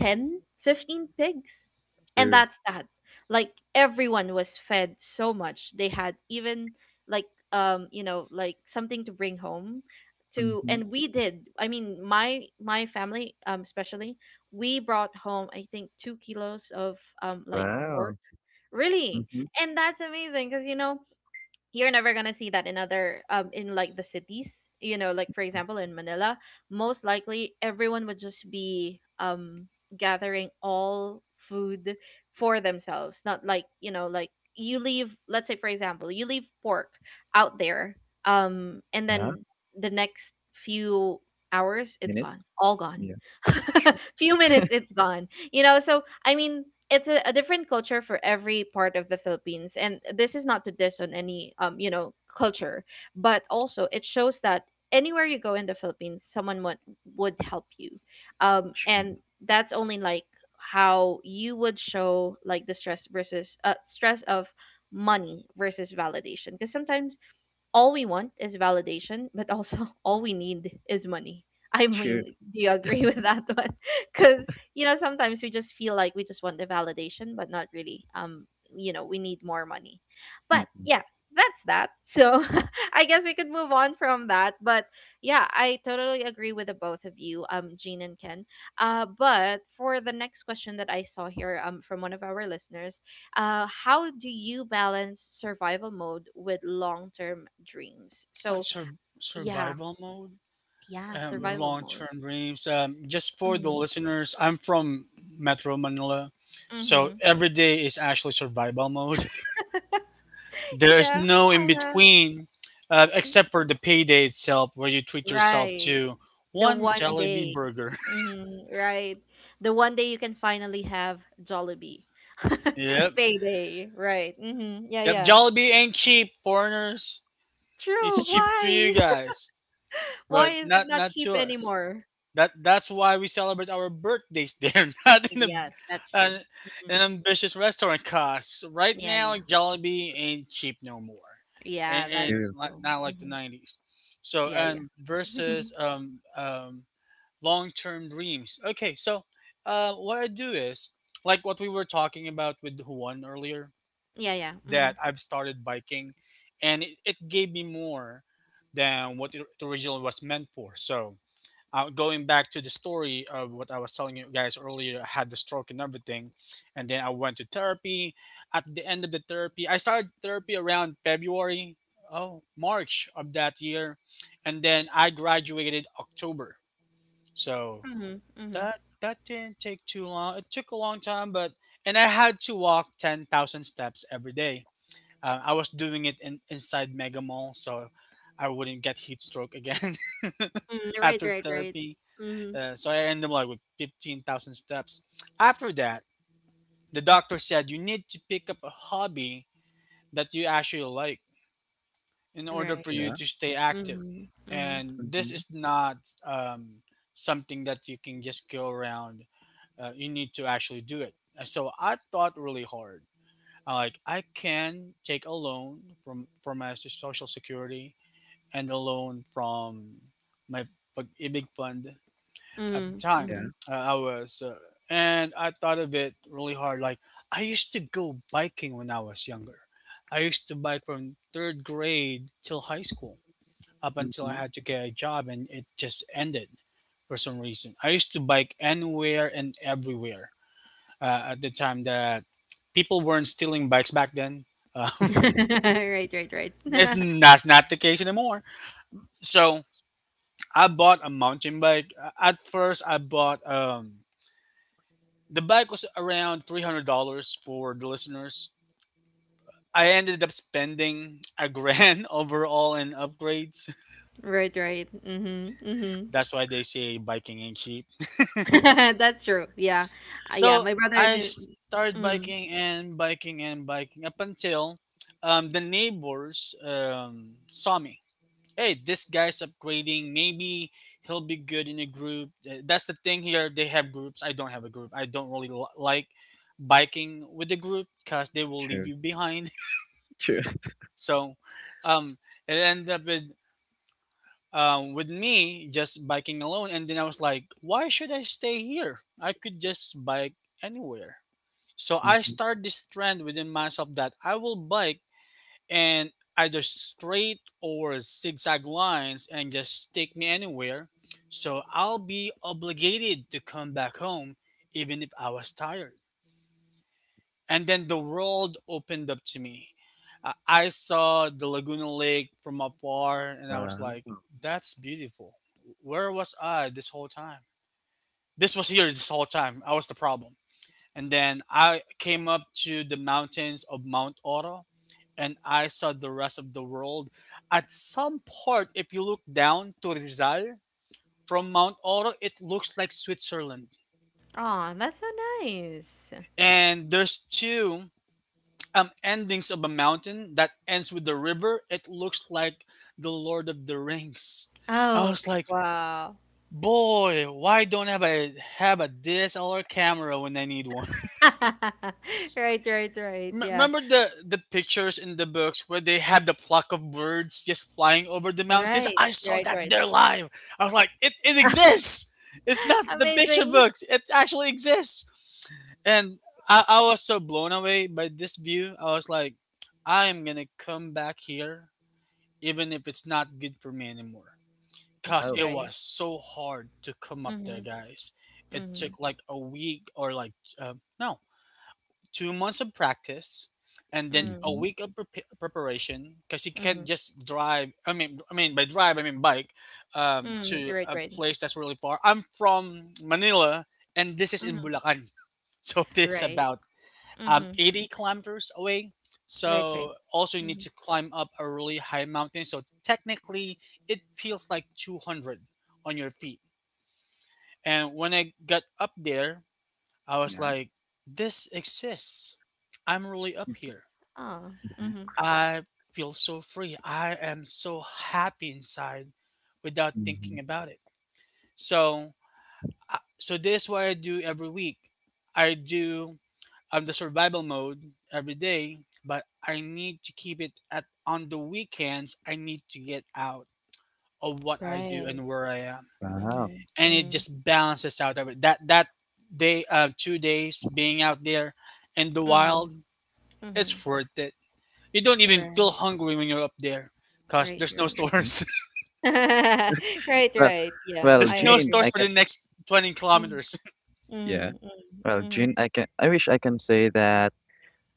Ten, fifteen pigs. And true. that's that. Like everyone was fed so much. They had even like um, you know, like something to bring home to, Mhm. and we did. I mean, my my family um especially, we brought home I think two kilos of um like Wow. pork. Really? Mhm. And that's amazing, because you know, you're never gonna see that in other, um in like the cities. You know, like for example, in Manila, most likely everyone would just be um gathering all food for themselves, not like, you know, like you leave, let's say, for example, you leave pork out there, um and Yeah, then the next few hours, it's gone, minutes. all gone. Yeah, true, *laughs* Few minutes, it's gone, you know. So I mean, it's a, a different culture for every part of the Philippines, and this is not to diss on any, um you know, culture, but also it shows that anywhere you go in the Philippines, someone would, would help you. um true, And that's only like how you would show like the stress versus uh, stress of money versus validation, because sometimes all we want is validation, but also *laughs* all we need is money. I true. mean, do you agree with that *laughs* one? Because you know, sometimes we just feel like we just want the validation, but not really. Um, you know, we need more money. But Mhm. yeah, that's that. So *laughs* I guess we could move on from that. But yeah, I totally agree with the both of you, um, Jean and Ken. Uh, but for the next question that I saw here, um, from one of our listeners, uh, how do you balance survival mode with long term dreams? *laughs* Like So sur- yeah, survival mode yeah, and Mm, survival long mode. term dreams. Um, just for the Mm-hmm. listeners, I'm from Metro Manila, so Mm-hmm. every day is actually survival mode. *laughs* There is Yeah. no in Uh-huh. between, uh, except for the payday itself, where you treat yourself Right. to The one one Jollibee day. burger. Mm-hmm. Right. The one day you can finally have Jollibee. *laughs* *laughs* yep, Payday. Right. Mm-hmm. Yeah, yep. yeah. Jollibee ain't cheap, foreigners. It's True. cheap for you Why? *laughs* guys, Why but is it not not not cheap to us. anymore? That that's why we celebrate our birthdays there, *laughs* not in a Yes, that's true. an, Mhm. an ambitious restaurant. Cause right Yeah, now yeah. Jollibee ain't cheap no more, Yeah, and, and that's true. li- true. not like the Mm-hmm. nineties. So Yeah, yeah. um *laughs* versus um um long term dreams. Okay, so uh what I do is like what we were talking about with Juan earlier, Yeah, yeah. Mhm. that I've started biking, and it, it gave me more than what it originally was meant for. So uh, going back to the story of what I was telling you guys earlier, I had the stroke and everything, and then I went to therapy. At the end of the therapy, I started therapy around February, oh March of that year, and then I graduated October. So Mhm. Mhm. that that didn't take too long. It took a long time, but and I had to walk ten thousand steps every day. Uh, I was doing it in, inside Mega Mall, so I wouldn't get heat stroke again Mm, *laughs* right, after right, right. therapy. Mhm. Uh, so I ended up like with fifteen thousand steps. After that, the doctor said you need to pick up a hobby that you actually like in order for you Yeah. Right. to stay active. Mhm. Mhm. And this Mhm. is not um, something that you can just go around. Uh, you need to actually do it. And so I thought really hard. I like I can take a loan from from my social security and a loan from my pag-ibig fund at the Mhm. time Yeah. Mhm. uh, I was, uh, and I thought of it really hard. Like I used to go biking when I was younger. I used to bike from third grade till high school, up until I Mhm. had to get a job, and it just ended for some reason. I used to bike anywhere and everywhere uh, at the time that people weren't stealing bikes back then. Uh, *laughs* *laughs* Right, right, right. it's, *laughs* that's not the case anymore. So I bought a mountain bike. Uh, At first, I bought um, The bike was around three hundred dollars for the listeners. I ended up spending a grand *laughs* overall in upgrades. Right, right. Mhm. Mhm. *laughs* That's why they say biking ain't cheap. *laughs* That's true. Yeah. Uh, yeah, So my brother is I in started mm. biking and biking and biking up until um, the neighbors um, saw me. Hey, this guy's upgrading. Maybe he'll be good in a group. Uh, That's the thing here. They have groups. I don't have a group. I don't really li- like biking with the group because they will leave True, you behind. true. So um, it ended up with um, with me just biking alone, and then I was like, why should I stay here? I could just bike anywhere. So I Mhm. started this trend within myself that I will bike and either straight or zigzag lines and just take me anywhere. So I'll be obligated to come back home even if I was tired, and then the world opened up to me. Uh, I saw the Laguna Lake from afar, *laughs* and I was like, Wow. "That's beautiful. Where was I this whole time? This was here this whole time. I was the problem." And then I came up to the mountains of Mount Oro, and I saw the rest of the world. At some part, if you look down to Rizal from Mount Oro, it looks like Switzerland. Oh, that's so nice. And there's two um endings of a mountain that ends with the river. It looks like the Lord of the Rings. I Oh, was like, wow. boy, why don't I have a have a D S L R camera when I need one? *laughs* Right, right, *laughs* right. M- Yeah. remember the the pictures in the books where they have the flock of birds just flying over the mountains? Right. I saw Right, that right. there live. I was like, it, it *laughs* exists. It's not the picture Amazing. books. It actually exists. And I, I was so blown away by this view. I was like, I am gonna come back here even if it's not good for me anymore. Cause Wow. it Right. was so hard to come up there, Mhm. guys. It Mhm. took like a week or like um no two months of practice, and then a Mhm. Mhm. week of prep preparation. Cause you can't Mhm. just drive. I mean, I mean by drive, I mean bike um, Mm, to right, a right. place that's really far. I'm from Manila, and this is in Mhm. Bulacan, *laughs* so this Right. about um, Mhm. eighty kilometers away. Right, right. So also you need Mhm. to climb up a really high mountain. So technically it feels like two hundred on your feet. And when I got up there, I was Yeah. like, this exists. I'm really up here. Oh. Mhm. Mhm. I feel so free. I am so happy inside without thinking Mhm. about it. So, I- so this is what I do every week. I do I'm the survival mode every day, but I need to keep it at on the weekends. I need to get out of what I do Right. and where I am, Wow. Mhm. and it Mhm. just balances out of it. That that day, uh, two days being out there in the Mhm. wild, it's Mhm. worth it. You don't even Right. feel hungry when you're up there, cause Right, there's no right. Mhm. stores. *laughs* Right, Well, right. Yeah, *laughs* well, I There's no Jean, agree. stores I for can. the next twenty Mhm. kilometers. *laughs* Yeah. Mhm. Mhm. Well, Mhm. Jean, I can. I wish I can say that.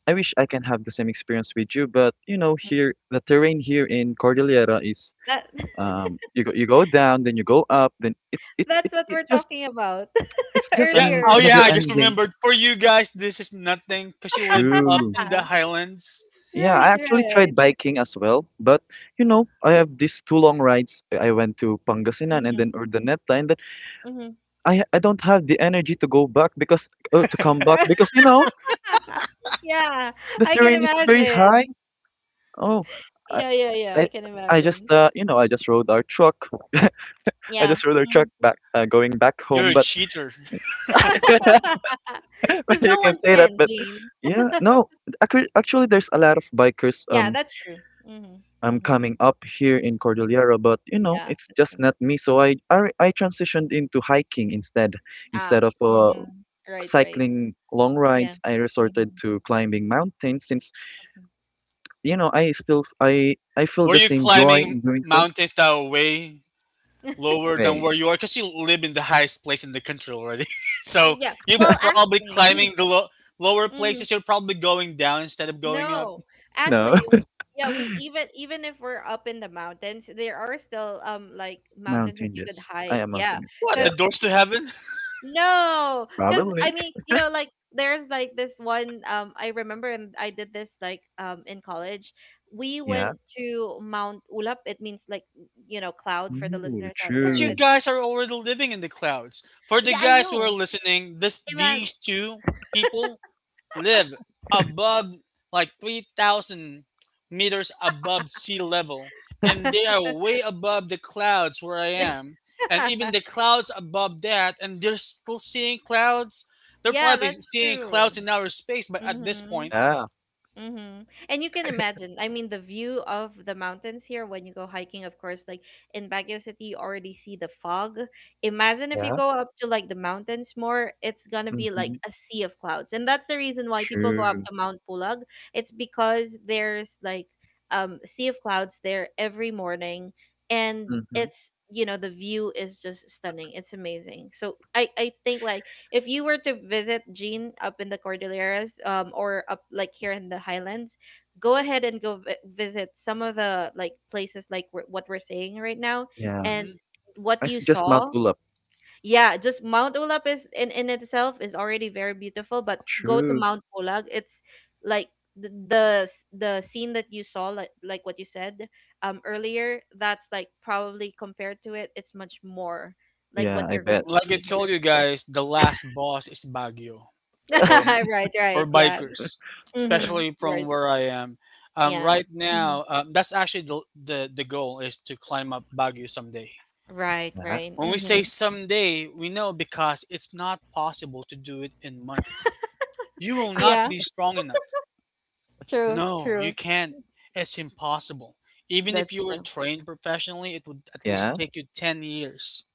I wish I can have the same experience with you, but you know, here the terrain here in Cordillera is That *laughs* um you go you go down, then you go up, then it's it it, that's what it we're just talking about it's *laughs* just Yeah. an earlier. Oh, yeah, never I just ending. remembered. For you guys, this is nothing because you live up True. in the *laughs* highlands. Yeah, I Right, actually tried right. biking as well, but you know, I have these two long rides. I went to Pangasinan and then Mhm. Urdaneta, and then Mhm. i i don't have the energy to go back because uh, to come back because you know *laughs* Yeah, the I can terrain is very high. imagine. Oh, i Yeah, yeah, yeah. i, I can I just imagine. uh, you know, I just rode our truck. *laughs* I Yeah. just rode our truck because back, uh, going back You're home, a but cheater. *laughs* *laughs* *laughs* you no can one say that, can, but Jean. yeah, no. Actually, actually, there's a lot of bikers Yeah, um that's true. Mhm, um mhm. coming up here in Cordillera, but you know, Yeah, it's that's just true. not me. So I I, I transitioned into hiking instead. Ah, Instead of uh mhm. Right, right. cycling long Yeah. rides, I resorted Mhm, to climbing mountains since mhm. you know I still I I feel Were the you same joy climbing in doing so. mountains that were way lower than Wait, where you are? Because you live in the highest place in the country already. *laughs* Uh, so Yeah. you're Well, probably actually climbing the lo- lower mhm. places. You're probably going down instead of going up. No. no, Actually, *laughs* yeah, we even even if we're up in the mountains, there are still, um, like, mountains that you could mountainous. I hike. am Yeah, mountainous. What, Yeah, the because. doors to heaven? *laughs* No, because I probably. mean, *laughs* you know, like there's like this one. Um, I remember, and I did this like um in college. We Yeah. went to Mount Ulap. It means like you know cloud for the Ooh, listeners out But there. you true. It, guys are already living in the clouds. For the yeah, I guys who are know. listening, this Iman. these two people live above like three thousand meters above sea level, and they are way above the clouds where I am, and even the *laughs* clouds above that, and they're still seeing clouds. They're yeah, probably that's seeing clouds true. in outer space, but at this Mm-hmm. point, Yeah. Mm-hmm. And you can imagine, I mean, the view of the mountains here when you go hiking, of course, like in Baguio City, you already see the fog. Imagine if you Yeah. go up to like the mountains more, it's gonna be like Hmm. a sea of clouds. And that's the reason why people go up True. to Mount Pulag. It's because there's like um sea of clouds there every morning, and Mhm. it's you know the view is just stunning. It's amazing. So I I think like if you were to visit Jean up in the Cordilleras, um, or up like here in the Highlands, go ahead and go vi- visit some of the like places like we what we're saying right now Yeah. and mhm, what I you suggest Mount saw. Ulap. Yeah, just Mount Ulap is in in itself is already very beautiful, but go to True. Mount Pulag. It's like the the, s- the scene that you saw, like like what you said um earlier. That's like probably compared to it, it's much more like Yeah, what I you're going bet. to like I see. told you guys, the last boss is Baguio for *laughs* Right, right. for Yeah. bikers, Mm-hmm. especially from Right. where I am. Um, Yeah. Right hmm now, um, that's actually the, the the goal is to climb up Baguio someday. Right, Yeah. right. When we say hmm someday, we know because it's not possible to do it in months. You will not Yeah. be strong enough. True, No, you true. can't. It's impossible. Even if That's you were true. trained professionally, it would at least Yeah. take you ten years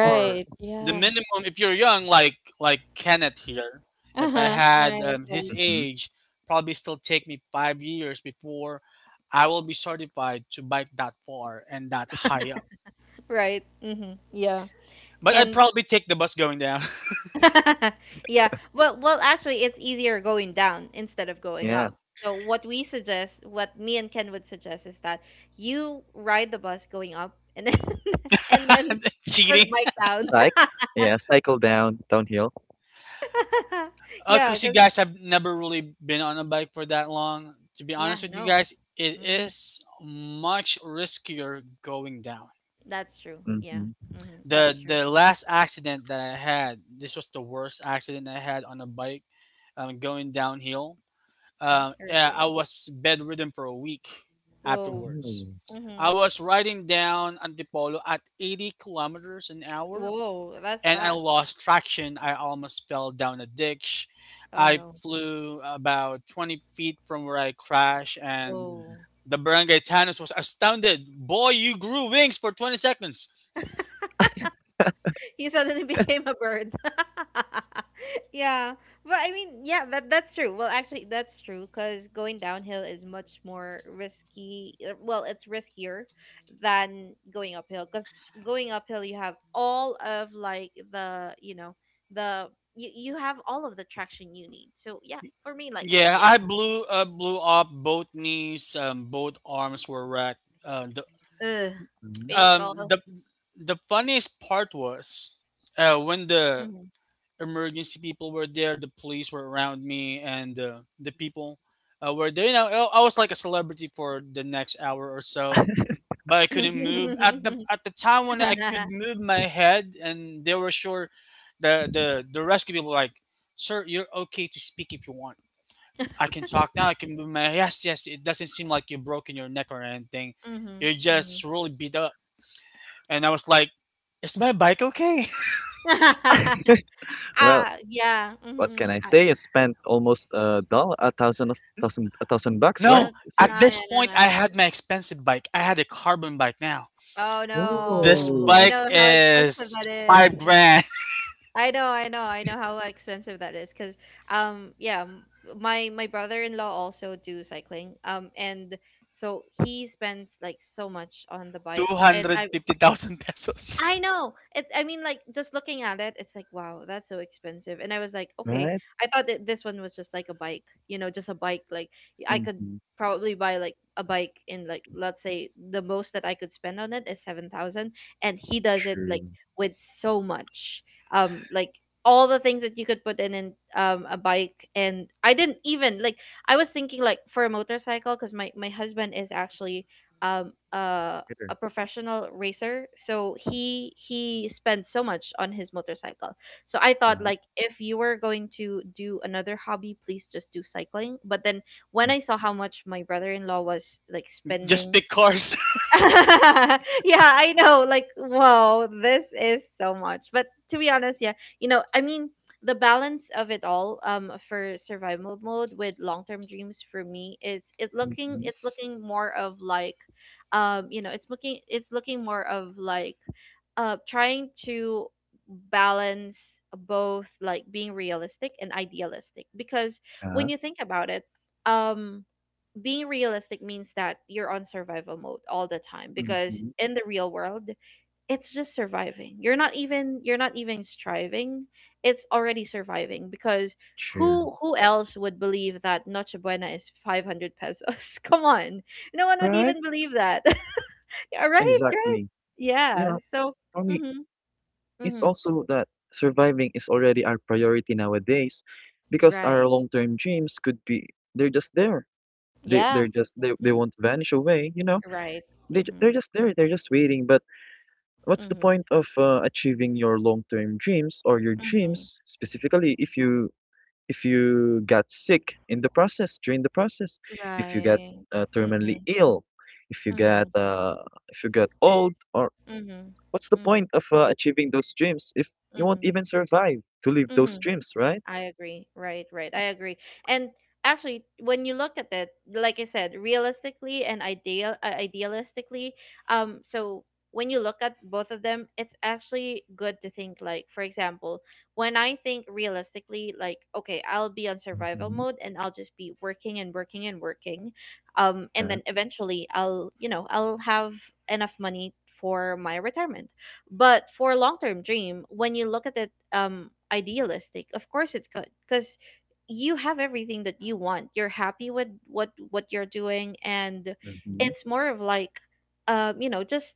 or the Yeah. minimum if you're young like like Kenneth here. If I Uh-huh. had Right, um, his right. Mm-hmm. age, probably still take me five years before I will be certified to bike that far and that high up. Right. Mm-hmm. Yeah. But I'd And probably take the bus going down. *laughs* yeah. Well, well, actually, it's easier going down instead of going Yeah. up. So what we suggest, what me and Ken would suggest, is that you ride the bus going up, and then *laughs* and *laughs* then I'm just cheating. bike down. Cyc. *laughs* Yeah, cycle down downhill. Uh, Yeah, Cause you because. guys have never really been on a bike for that long. To be Yeah, honest with you no. guys, it hmm is much riskier going down. That's true. Yeah. Mm-hmm. hmm The That's true. the last accident that I had, this was the worst accident I had on a bike. Um, going downhill. Mm, Um, I yeah, I agree. was bedridden for a week Whoa. Oh. afterwards. Hmm I was riding down Antipolo at eighty kilometers an hour, Whoa, that's and I fast. lost traction. I almost fell down a ditch. Oh I no. flew about twenty feet from where I crashed, and Whoa. the barangay Tanos was astounded. Boy, you grew wings for twenty seconds. He suddenly *laughs* became a bird. *laughs* yeah. But I mean, yeah, that that's true. Well, actually, that's true because going downhill is much more risky. Uh, Well, it's riskier than going uphill because going uphill you have all of like the you know the you you have all of the traction you need. So yeah, for me, like Yeah, yeah, I blew uh, blew up both knees, um, both arms were wrecked. Uh, the ugh, Mhm. um painful. the the funniest part was uh, when the Hmm emergency people were there, the police were around me, and uh, the people uh, were there. You know, I I was like a celebrity for the next hour or so, but I couldn't move. *laughs* At the at the time when I could *laughs* move my head, and they were sure, the the the rescue people were like, "Sir, you're okay to speak if you want. I can talk now. I can move my yes, yes. It doesn't seem like you've broken your neck or anything. hmm You're just hmm really beat up." And I was like, "Is my bike okay?" *laughs* *laughs* Well, Ah, yeah. what hmm can I I say? You spent almost a dollar, a thousand of thousand, a thousand bucks, right? No, Don't Is it? at yeah, this yeah, no, point, no. I had my expensive bike. I had a carbon bike now. Oh This no. I Oh, bike know how expensive is that five is. grand, I know, I know, I know how expensive that is 'cause um yeah, m- my my brother-in-law also do cycling. Um and so he spends like so much on the *laughs* bike and I two hundred fifty thousand pesos. I know. It's, I mean like just looking at it, it's like wow, that's so expensive. And I was like, okay, right. I thought that this one was just like a bike, you know, just a bike. Like I could Mm-hmm. probably buy like a bike in, like, let's say the most that I could spend on it is seven thousand, and he does it like True. with so much, um, like all the things that you could put in in um a bike. And I didn't even like I was thinking like for a motorcycle because my my husband is actually um uh Better. a professional racer so he he spent so much on his motorcycle, so I thought Yeah. like if you were going to do another hobby please just do cycling, but then when I saw how much my brother-in-law was like Just spending. pick cars. *laughs* Yeah, I know. Like, whoa, this is so much. But to be honest, yeah, you know, I mean, the balance of it all, um, for survival mode with long term dreams for me is it's looking Mm-hmm. it's looking more of like, um, you know, it's looking it's looking more of like, uh, trying to balance both, like being realistic and idealistic, because when Yeah. you think about it, um being realistic means that you're on survival mode all the time because Mm-hmm. in the real world it's just surviving, you're not even you're not even striving, it's already surviving, because True. who who else would believe that noche buena is five hundred pesos? *laughs* Come on, no one would Right. even believe that. *laughs* Yeah, right, right, Exactly. yeah, Yeah. so For me, mhm it's mhm also that surviving is already our priority nowadays because our right long-term dreams could be they're just there. They yeah they're just they, they mhm, won't vanish away, you know. right They ju- mhm They're just there, they're just waiting. But what's the mhm point of uh, achieving your long-term dreams or your mhm dreams specifically if you if you got sick in the process, during the process, if you got right uh, terminally mhm ill, if you got mhm uh, if you got old, or mhm. what's the Mhm. point of uh, achieving those dreams if you won't Mm-hmm. even survive to live those Mm-hmm. dreams, right? I agree. Right, right. I agree. And actually, when you look at it, like I said, realistically and ideal uh, idealistically, um, so when you look at both of them, it's actually good to think like, for example, when I think realistically, like, okay, I'll be on survival Mm-hmm. mode and I'll just be working and working and working, um, and Yeah. then eventually I'll, you know, I'll have enough money for my retirement. But for long term dream, when you look at it um idealistic. Of course it's good because you have everything that you want. You're happy with what what you're doing and Mm-hmm. it's more of like um you know just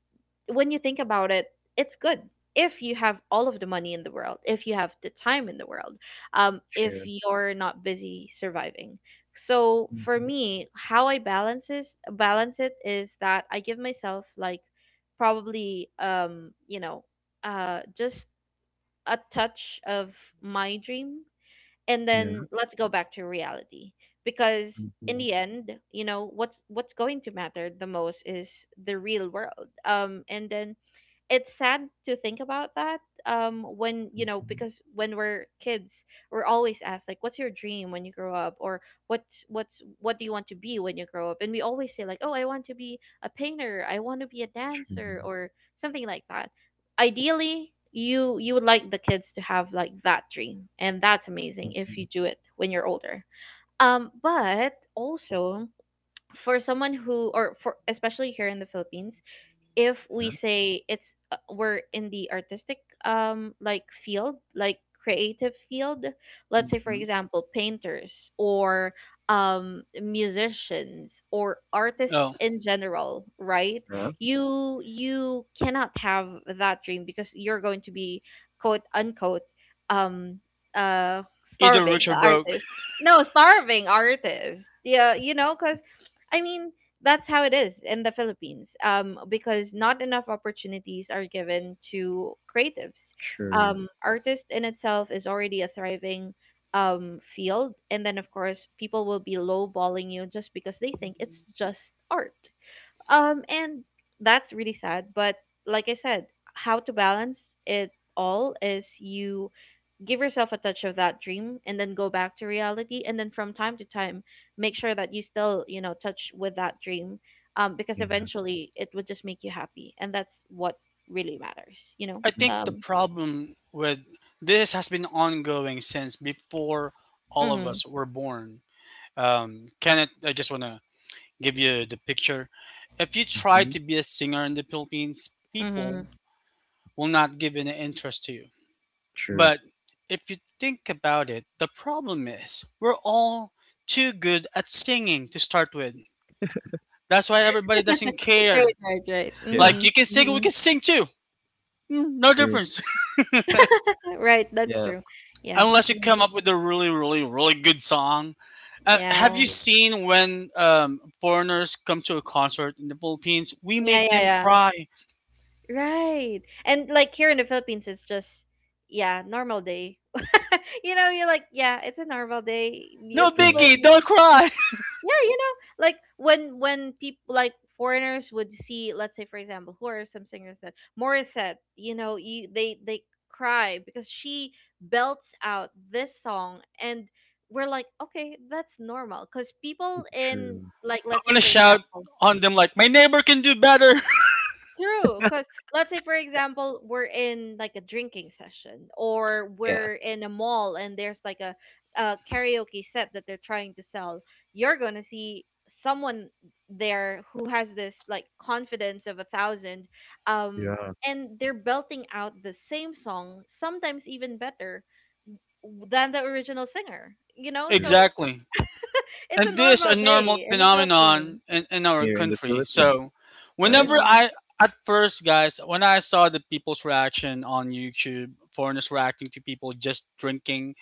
when you think about it, it's good. If you have all of the money in the world, if you have the time in the world, um, if Sure. you're not busy surviving, so for Mm-hmm. me how I balance is balance it is that I give myself like probably um you know uh just a touch of my dream and then Yeah. let's go back to reality because in Mm-hmm. the end you know what's what's going to matter the most is the real world, um, and then it's sad to think about that, um, when, you know, Mm-hmm. because when we're kids we're always asked like what's your dream when you grow up, or what's what's what do you want to be when you grow up, and we always say like, oh, I want to be a painter, I want to be a Sure. dancer, or something like that. Ideally you you would like the kids to have like that dream and that's amazing if Mm-hmm. you do it when you're older, um, but also for someone who, or for especially here in the Philippines, if we Yeah. say it's uh, we're in the artistic um like field, like creative field, let's say for Mm-hmm. example painters or um musicians or artists *laughs* Oh, in general, right, Yeah. you you cannot have that dream because you're going to be quote unquote um uh either starving rich or broke. artist. No, starving artist, yeah, you know, because I mean that's how it is in the Philippines, um, because not enough opportunities are given to creatives. Sure. Um, artist in itself is already a thriving, um, field, and then of course people will be lowballing you just because they think it's just art. Um, and that's really sad. But like I said, how to balance it all is you give yourself a touch of that dream and then go back to reality and then from time to time make sure that you still, you know, touch with that dream, um, because Yeah. eventually it would just make you happy and that's what really matters, you know. I think Mm-hmm. the Um, problem with this has been ongoing since before all of mhm us were born. Um, Kenneth, I just want to give you the picture. If you try Mm-hmm. to be a singer in the Philippines, mhm. people will not give an interest to you. Sure. But if you think about it, the problem is we're all too good at singing to start with. That's why everybody doesn't *laughs* Right, care. right, right, Yeah. Like mhm you can sing, we mhm. can sing too. Mm, no True. difference. Right, that's Yeah. true. *laughs* Yeah, Unless you mhm. come up with a really, really, really good song. Uh, yeah, Have you True. seen when um, foreigners come to a concert in the Philippines? We yeah, make yeah, them yeah, cry. right, and like here in the Philippines it's just yeah normal day. *laughs* You know you're like yeah it's a normal day, you, No All right. people, biggie, don't cry. yeah, you know, like when when people like foreigners would see, let's say for example, who are some singers that, Morissette, you know, you, they they cry because she belts out this song and we're like okay that's normal because people in, True. like, *laughs* I let's say want to for shout example, on them like, my neighbor can do better. true, because let's say, for example, we're in like a drinking session or Yeah. we're in a mall and there's like a, a karaoke set that they're trying to sell. You're going to see someone there who has this like confidence of a thousand, um, Yeah. and they're belting out the same song, sometimes even better w- than the original singer, you *laughs* know? True. So Exactly. it's a And this a normal normal day in the phenomenon Philippines. in, in our Here in the country. Philippines, So right? whenever Mm-hmm. I at first guys, when I saw the people's reaction on YouTube, foreigners reacting to people just drinking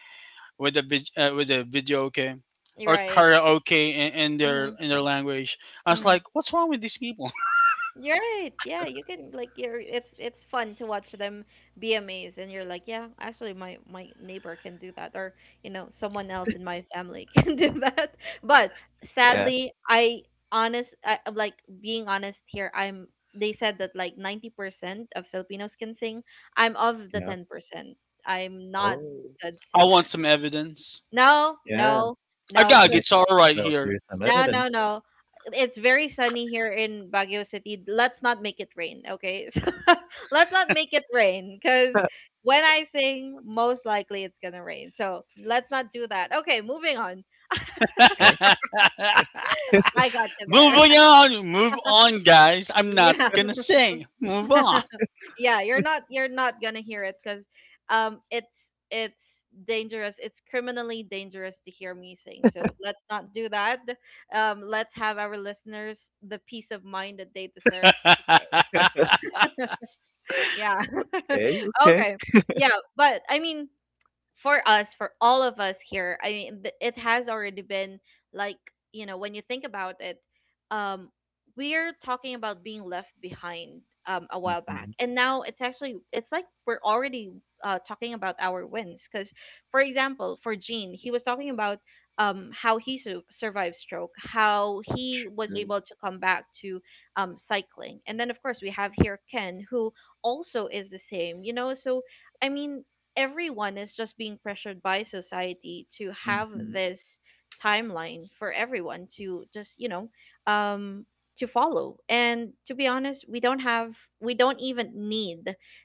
with a vid, uh, with a video okay or Right. karaoke in, in their Mm-hmm. in their language, I was like, what's wrong with these people? You're right. Yeah, you can like you're it's it's fun to watch them be amazed and you're like, yeah, actually my my neighbor can do that or, you know, someone else in my family *laughs* can do that. But Yeah. sadly, I honest I, I'm, like, being honest here, I'm, they said that like ninety percent of Filipinos can sing. I'm of the Yeah. ten percent. I'm not Oh. a good *laughs* I want singer. some evidence. No, Yeah. no. I No, got I a mean, guitar right well, here. here's some no, evidence. no, no. It's very sunny here in Baguio City. Let's not make it rain, okay? *laughs* So, let's not make it rain because *laughs* when I sing, most likely it's gonna rain. So let's not do that. Okay, moving on. Okay. *laughs* *laughs* I got you there. Moving on, move on, guys. *laughs* I'm not Yeah. gonna sing. Move on. *laughs* Yeah. You're not you're not gonna hear it because um it's it's dangerous. It's criminally dangerous to hear me sing. So let's not do that. Um, let's have our listeners the peace of mind that they deserve today. *laughs* *laughs* *laughs* yeah. Okay, *laughs* okay. okay. Yeah, but I mean, for us, for all of us here, I mean, th- it has already been like, you know, when you think about it, um, we're talking about being left behind um, a while back. Mhm. And now it's actually, it's like we're already uh, talking about our wins. Because, for example, for Gene, he was talking about um, how he su- survived stroke, how he was Mm, able to come back to um, cycling. And then, of course, we have here Ken, who also is the same, you know? So, I mean, everyone is just being pressured by society to have mhm. this timeline for everyone to just you know um to follow. And to be honest, we don't have we don't even need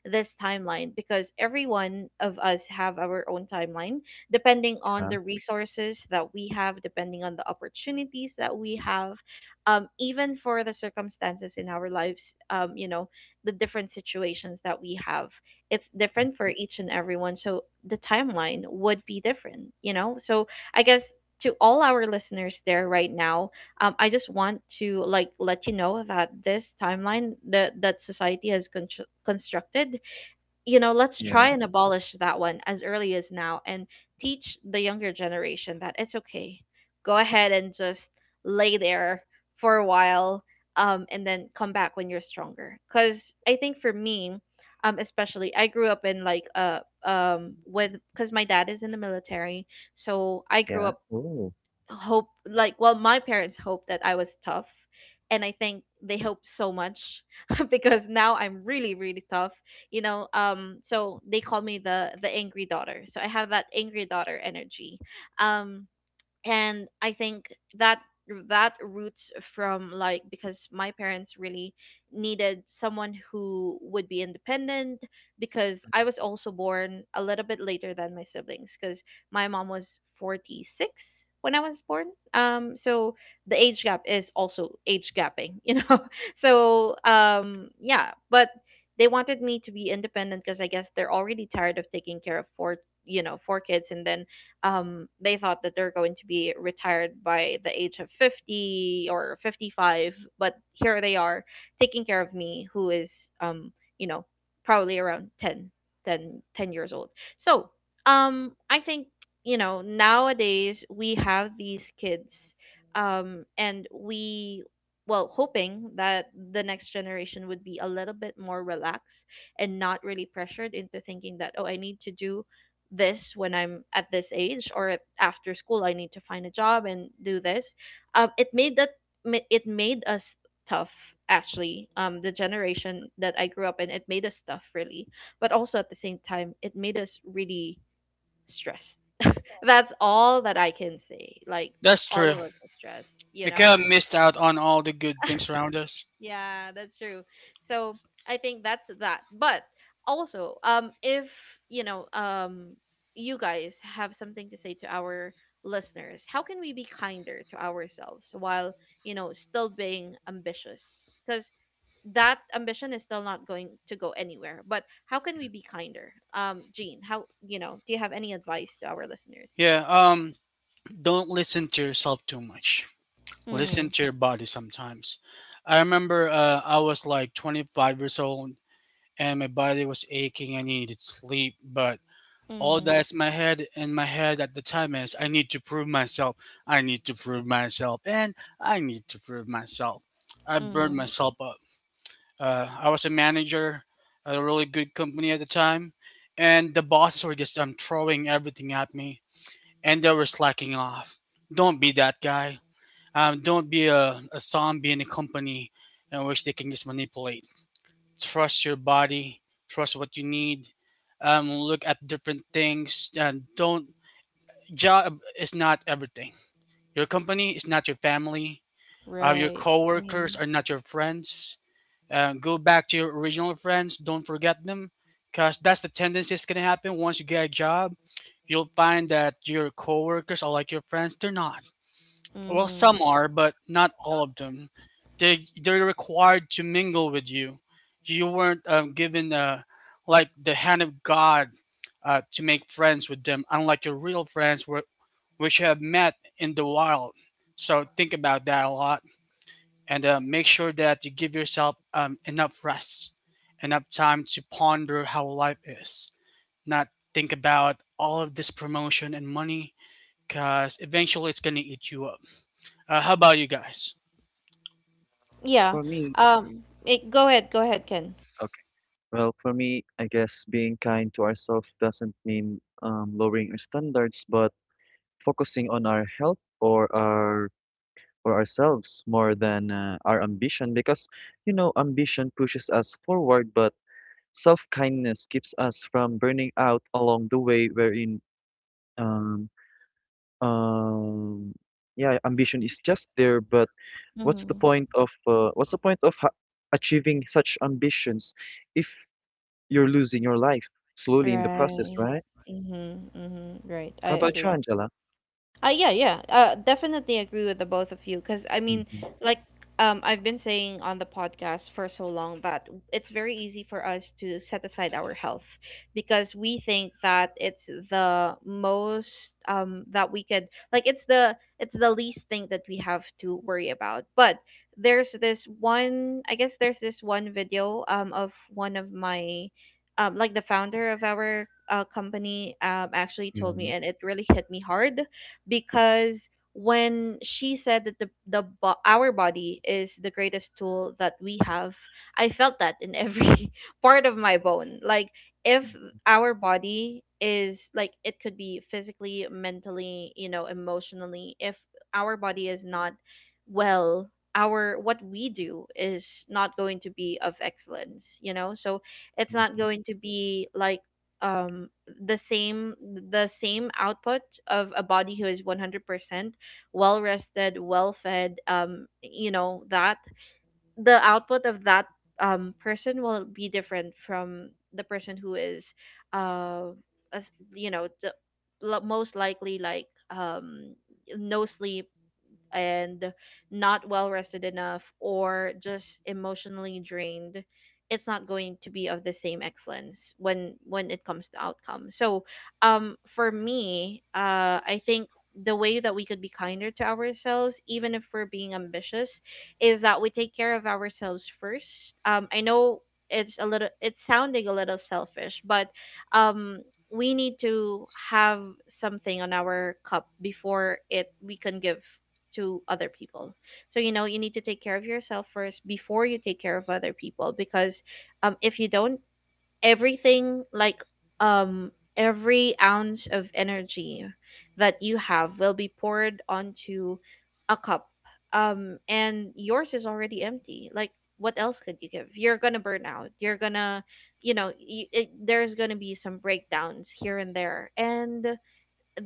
this timeline, because everyone of us have our own timeline, depending on Yeah. the resources that we have, depending on the opportunities that we have, um even for the circumstances in our lives, um you know the different situations that we have. It's different for Mhm. each and everyone, so the timeline would be different, you know. So I guess, to all our listeners there right now, um, I just want to like let you know that this timeline that that society has con- constructed, you know, let's Yeah. try and abolish that one as early as now and teach the younger generation that it's okay. Go ahead and just lay there for a while, um, and then come back when you're stronger. Because I think for me, um, especially, I grew up in like, uh, um, with, because my dad is in the military. So I grew Yeah. up Oh. hope like well my parents hope that I was tough, and I think they hoped so much *laughs* because now I'm really really tough, you know. Um so they call me the the angry daughter, so I have that angry daughter energy. Um and I think that that roots from like, because my parents really needed someone who would be independent, because I was also born a little bit later than my siblings, because my mom was forty-six when I was born. Um so the age gap is also age gapping, *laughs* you know. So um yeah, but they wanted me to be independent, because I guess they're already tired of taking care of four, you know four kids. And then um, they thought that they're going to be retired by the age of fifty or fifty-five, but here they are taking care of me, who is um, you know probably around ten, ten, ten years old. So um I think you know, nowadays we have these kids um and we well, hoping that the next generation would be a little bit more relaxed and not really pressured into thinking that, oh, I need to do this when I'm at this age, or at- after school I need to find a job and do this. Um, it made that ma- it made us tough actually. Um, the generation that I grew up in, it made us tough really, but also at the same time, it made us really stressed. That's all that I can say. Like That's all true. of us are stressed, you We know. kind of missed out on all the good things *laughs* around us. Yeah, that's true. So I think that's that. But also, um, if you know, um, you guys have something to say to our listeners, how can we be kinder to ourselves while, you know, still being ambitious? Because that ambition is still not going to go anywhere. But how can we be kinder? Um, Jean, how, you know, do you have any advice to our listeners? Yeah, um, don't listen to yourself too much. Listen Mm, to your body sometimes. I remember uh, I was like twenty-five years old and my body was aching. I needed sleep, but all mm, that's my head and my head at the time is I need to prove myself. I need to prove myself, and I need to prove myself. I burned mm, myself. Uh, I was a manager at a really good company at the time, and the bosses were just um, throwing everything at me, and they were slacking off. Don't be that guy. Um, don't be a, a zombie in a company in which they can just manipulate. Trust your body. Trust what you need. Um, look at different things. And don't job is not everything. Your company is not your family. Um, your right. coworkers Mhm. are not your friends. Uh, go back to your original friends. Don't forget them, because that's the tendency that's gonna happen. Once you get a job, you'll find that your coworkers are like your friends. They're not. Well, Mm-hmm. some are, but not all of them. They they're required to mingle with you. You weren't um, given uh, like the hand of God uh, to make friends with them, unlike your real friends, were, which you have met in the wild. So think about that a lot and uh, make sure that you give yourself um, enough rest, enough time to ponder how life is, not think about all of this promotion and money because eventually it's going to eat you up. Uh, how about you guys? Yeah. For me, Um. It, go ahead. Go ahead, Ken. okay. Well, for me, I guess being kind to ourselves doesn't mean um, lowering our standards, but focusing on our health or our or ourselves more than uh, our ambition, because you know, ambition pushes us forward, but self-kindness keeps us from burning out along the way, wherein um, um yeah, ambition is just there, but what's the Mm-hmm. point of uh, what's the point of ha- achieving such ambitions if you're losing your life slowly in the process, Right. right? Mm-hmm. Mm-hmm. Right. I How about you, agree. Angela? Uh, yeah, yeah. Uh, Definitely agree with the both of you, because I mean, Hmm. like, um, I've been saying on the podcast for so long that it's very easy for us to set aside our health, because we think that it's the most um that we could like it's the it's the least thing that we have to worry about. But there's this one, I guess there's this one video um of one of my um like the founder of our uh, company um actually Yeah. told me, and it really hit me hard, because when she said that the, the bo- our body is the greatest tool that we have, I felt that in every *laughs* part of my bone. Like if our body is like, it could be physically, mentally, you know, emotionally, if our body is not well, our what we do is not going to be of excellence, you know. So it's not Mm-hmm. going to be like um the same the same output of a body who is one hundred percent well rested, well fed, um you know, that the output of that um person will be different from the person who is uh as you know, the lo- most likely like, um no sleep and not well rested enough, or just emotionally drained. It's not going to be of the same excellence when when it comes to outcome. So um for me, uh I think the way that we could be kinder to ourselves, even if we're being ambitious, is that we take care of ourselves first. um I know it's a little, it's sounding a little selfish, but um we need to have something on our cup before it we can give to other people. So you know, you need to take care of yourself first before you take care of other people, because um if you don't, everything like um every ounce of energy that you have will be poured onto a cup, um and yours is already empty. Like what else could you give? You're gonna burn out, you're gonna you know you, it, there's gonna be some breakdowns here and there, and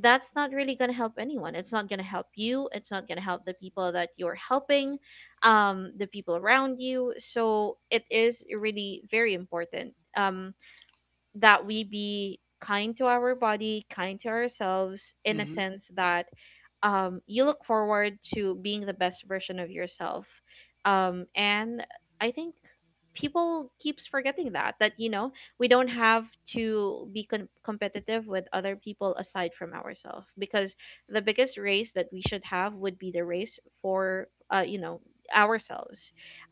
that's not really going to help anyone. It's not going to help you. It's not going to help the people that you're helping, um, the people around you. So it is really very important, um, that we be kind to our body, kind to ourselves, in a Hmm. sense that, um, you look forward to being the best version of yourself. Um, and i think people keeps forgetting that, that you know, we don't have to be com- competitive with other people aside from ourselves, because the biggest race that we should have would be the race for, uh, you know, ourselves,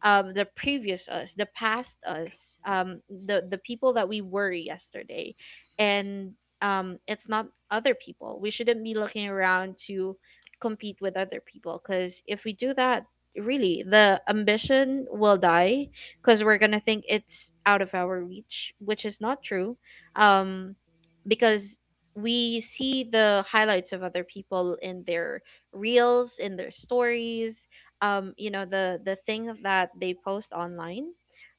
um, the previous us, the past us, um, the the people that we were yesterday. And um, it's not other people, we shouldn't be looking around to compete with other people, because if we do that, really the ambition will die, because we're gonna think it's out of our reach, which is not true. um because we see the highlights of other people in their reels, in their stories, um you know, the the thing that they post online.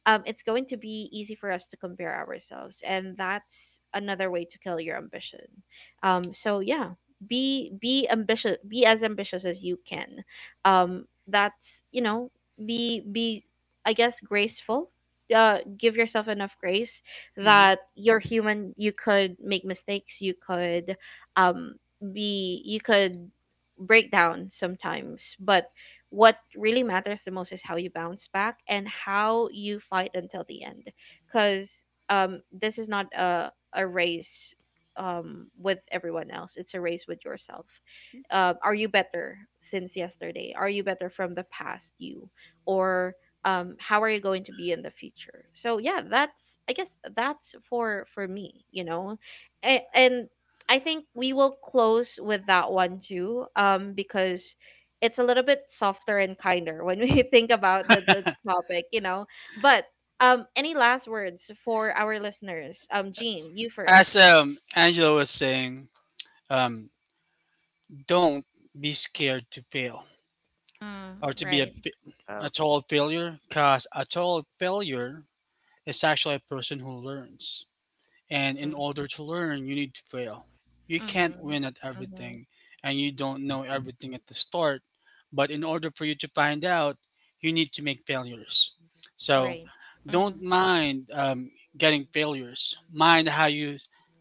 Um, it's going to be easy for us to compare ourselves, and that's another way to kill your ambition. Um so yeah, be be ambitious, be as ambitious as you can. Um that's, you know, be be, I guess, graceful. Uh give yourself enough grace Hmm. that you're human, you could make mistakes, you could um be you could break down sometimes, but what really matters the most is how you bounce back and how you fight until the end. Because um this is not a a race, um, with everyone else. It's a race with yourself. Uh, are you better since yesterday? Are you better from the past you? Or um, how are you going to be in the future? So yeah, that's, I guess that's for for me, you know. And, and I think we will close with that one too, um, because it's a little bit softer and kinder when we *laughs* think about the the topic, you know. But um, any last words for our listeners? Um, Jean, you first. As um, Angela was saying, um, don't be scared to fail Mm, or to be a, right. fa- Uh, a total failure because a total failure is actually a person who learns. And in order to learn, you need to fail. You can't Mm-hmm. win at Mm-hmm. everything, and you don't know everything at the start. But in order for you to find out, you need to make failures. So Right. don't Mm-hmm. mind um, getting failures. Mind how you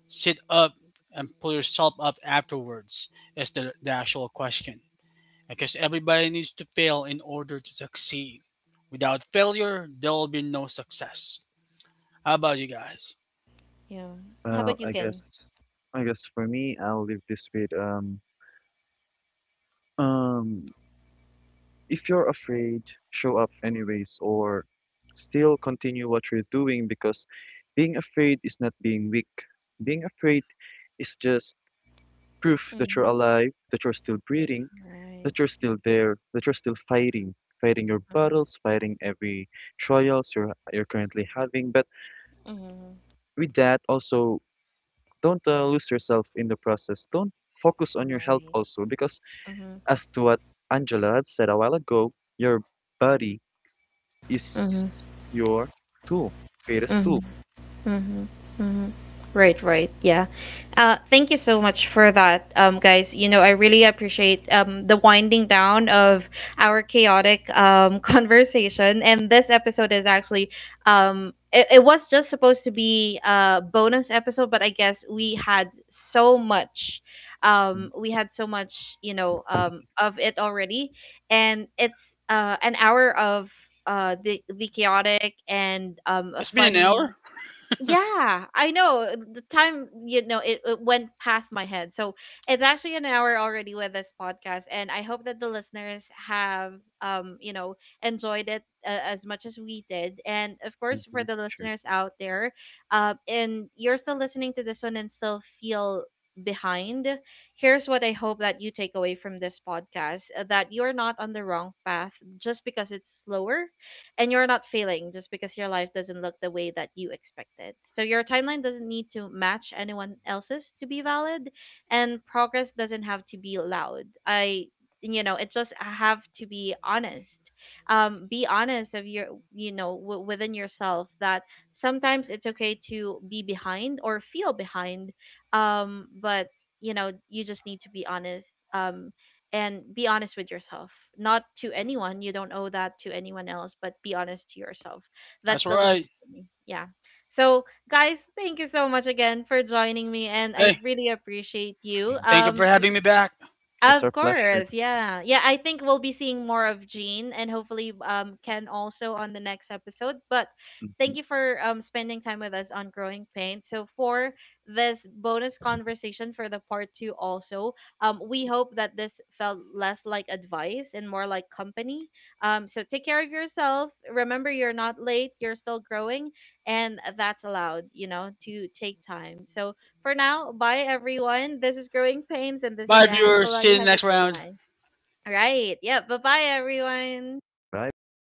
sit up and pull yourself up afterwards is the, the actual question. Because everybody needs to fail in order to succeed. Without failure, there will be no success. How about you guys? Yeah. How well, about you, i Ken? guess I guess for me, I'll leave this with um um if you're afraid, show up anyways, or still continue what you're doing, because being afraid is not being weak. Being afraid is just proof that you're Mm-hmm. alive, that you're still breathing, Right. that you're still there, that you're still fighting, fighting your Mm-hmm. battles, fighting every trials you're you're currently having. But Mm-hmm. with that, also don't uh, lose yourself in the process. Don't focus on your health Right. also, because Mm-hmm. as to what Angela had said a while ago, your body is Mm-hmm. your tool, greatest tool. Mm-hmm. Mm-hmm. Mm-hmm. Right, right. Yeah. Uh, thank you so much for that, um, guys. You know, I really appreciate um, the winding down of our chaotic um, *laughs* conversation. And this episode is actually, um, it, it was just supposed to be a bonus episode, but I guess we had so much, Hmm. um, we had so much, you know, um, of it already. And it's uh, an hour of uh, the, the chaotic and um, It's been an hour. funny. Yeah, I know. uh, The time, you know, it, it went past my head. So it's actually an hour already with this podcast, and I hope that the listeners have, um, you know, enjoyed it uh, as much as we did. And of course, for the Sure. listeners out there, uh, and you're still listening to this one and still feel behind, here's what I hope that you take away from this podcast: uh, that you're not on the wrong path just because it's slower, and you're not failing just because your life doesn't look the way that you expected. So your timeline doesn't need to match anyone else's to be valid, and progress doesn't have to be loud. I, you know, it just have to be honest. Um, be honest of your, you know, w- within yourself, that sometimes it's okay to be behind or feel behind, um, but you know, you just need to be honest. Um, and be honest with yourself, not to anyone. You don't owe that to anyone else, but be honest to yourself. That's That's the least right. thing, yeah. So guys, thank you so much again for joining me, and I Hey, really appreciate you. Thank thank you you. um for having me back. It's our Of pleasure. course, yeah. Yeah, I think we'll be seeing more of Jean, and hopefully um Ken also on the next episode. But Mhm. thank you for um spending time with us on Growing Pain. So for this bonus conversation, for the part two also, um, we hope that this felt less like advice and more like company. Um, so take care of yourself. Remember, you're not late, you're still growing, and that's allowed, you know, to take time. So for now, bye everyone. This is Growing Pains and this is Bye, viewers. Angela. See you You in the have a next great round. night. All right. Yeah. Bye bye everyone. Bye bye.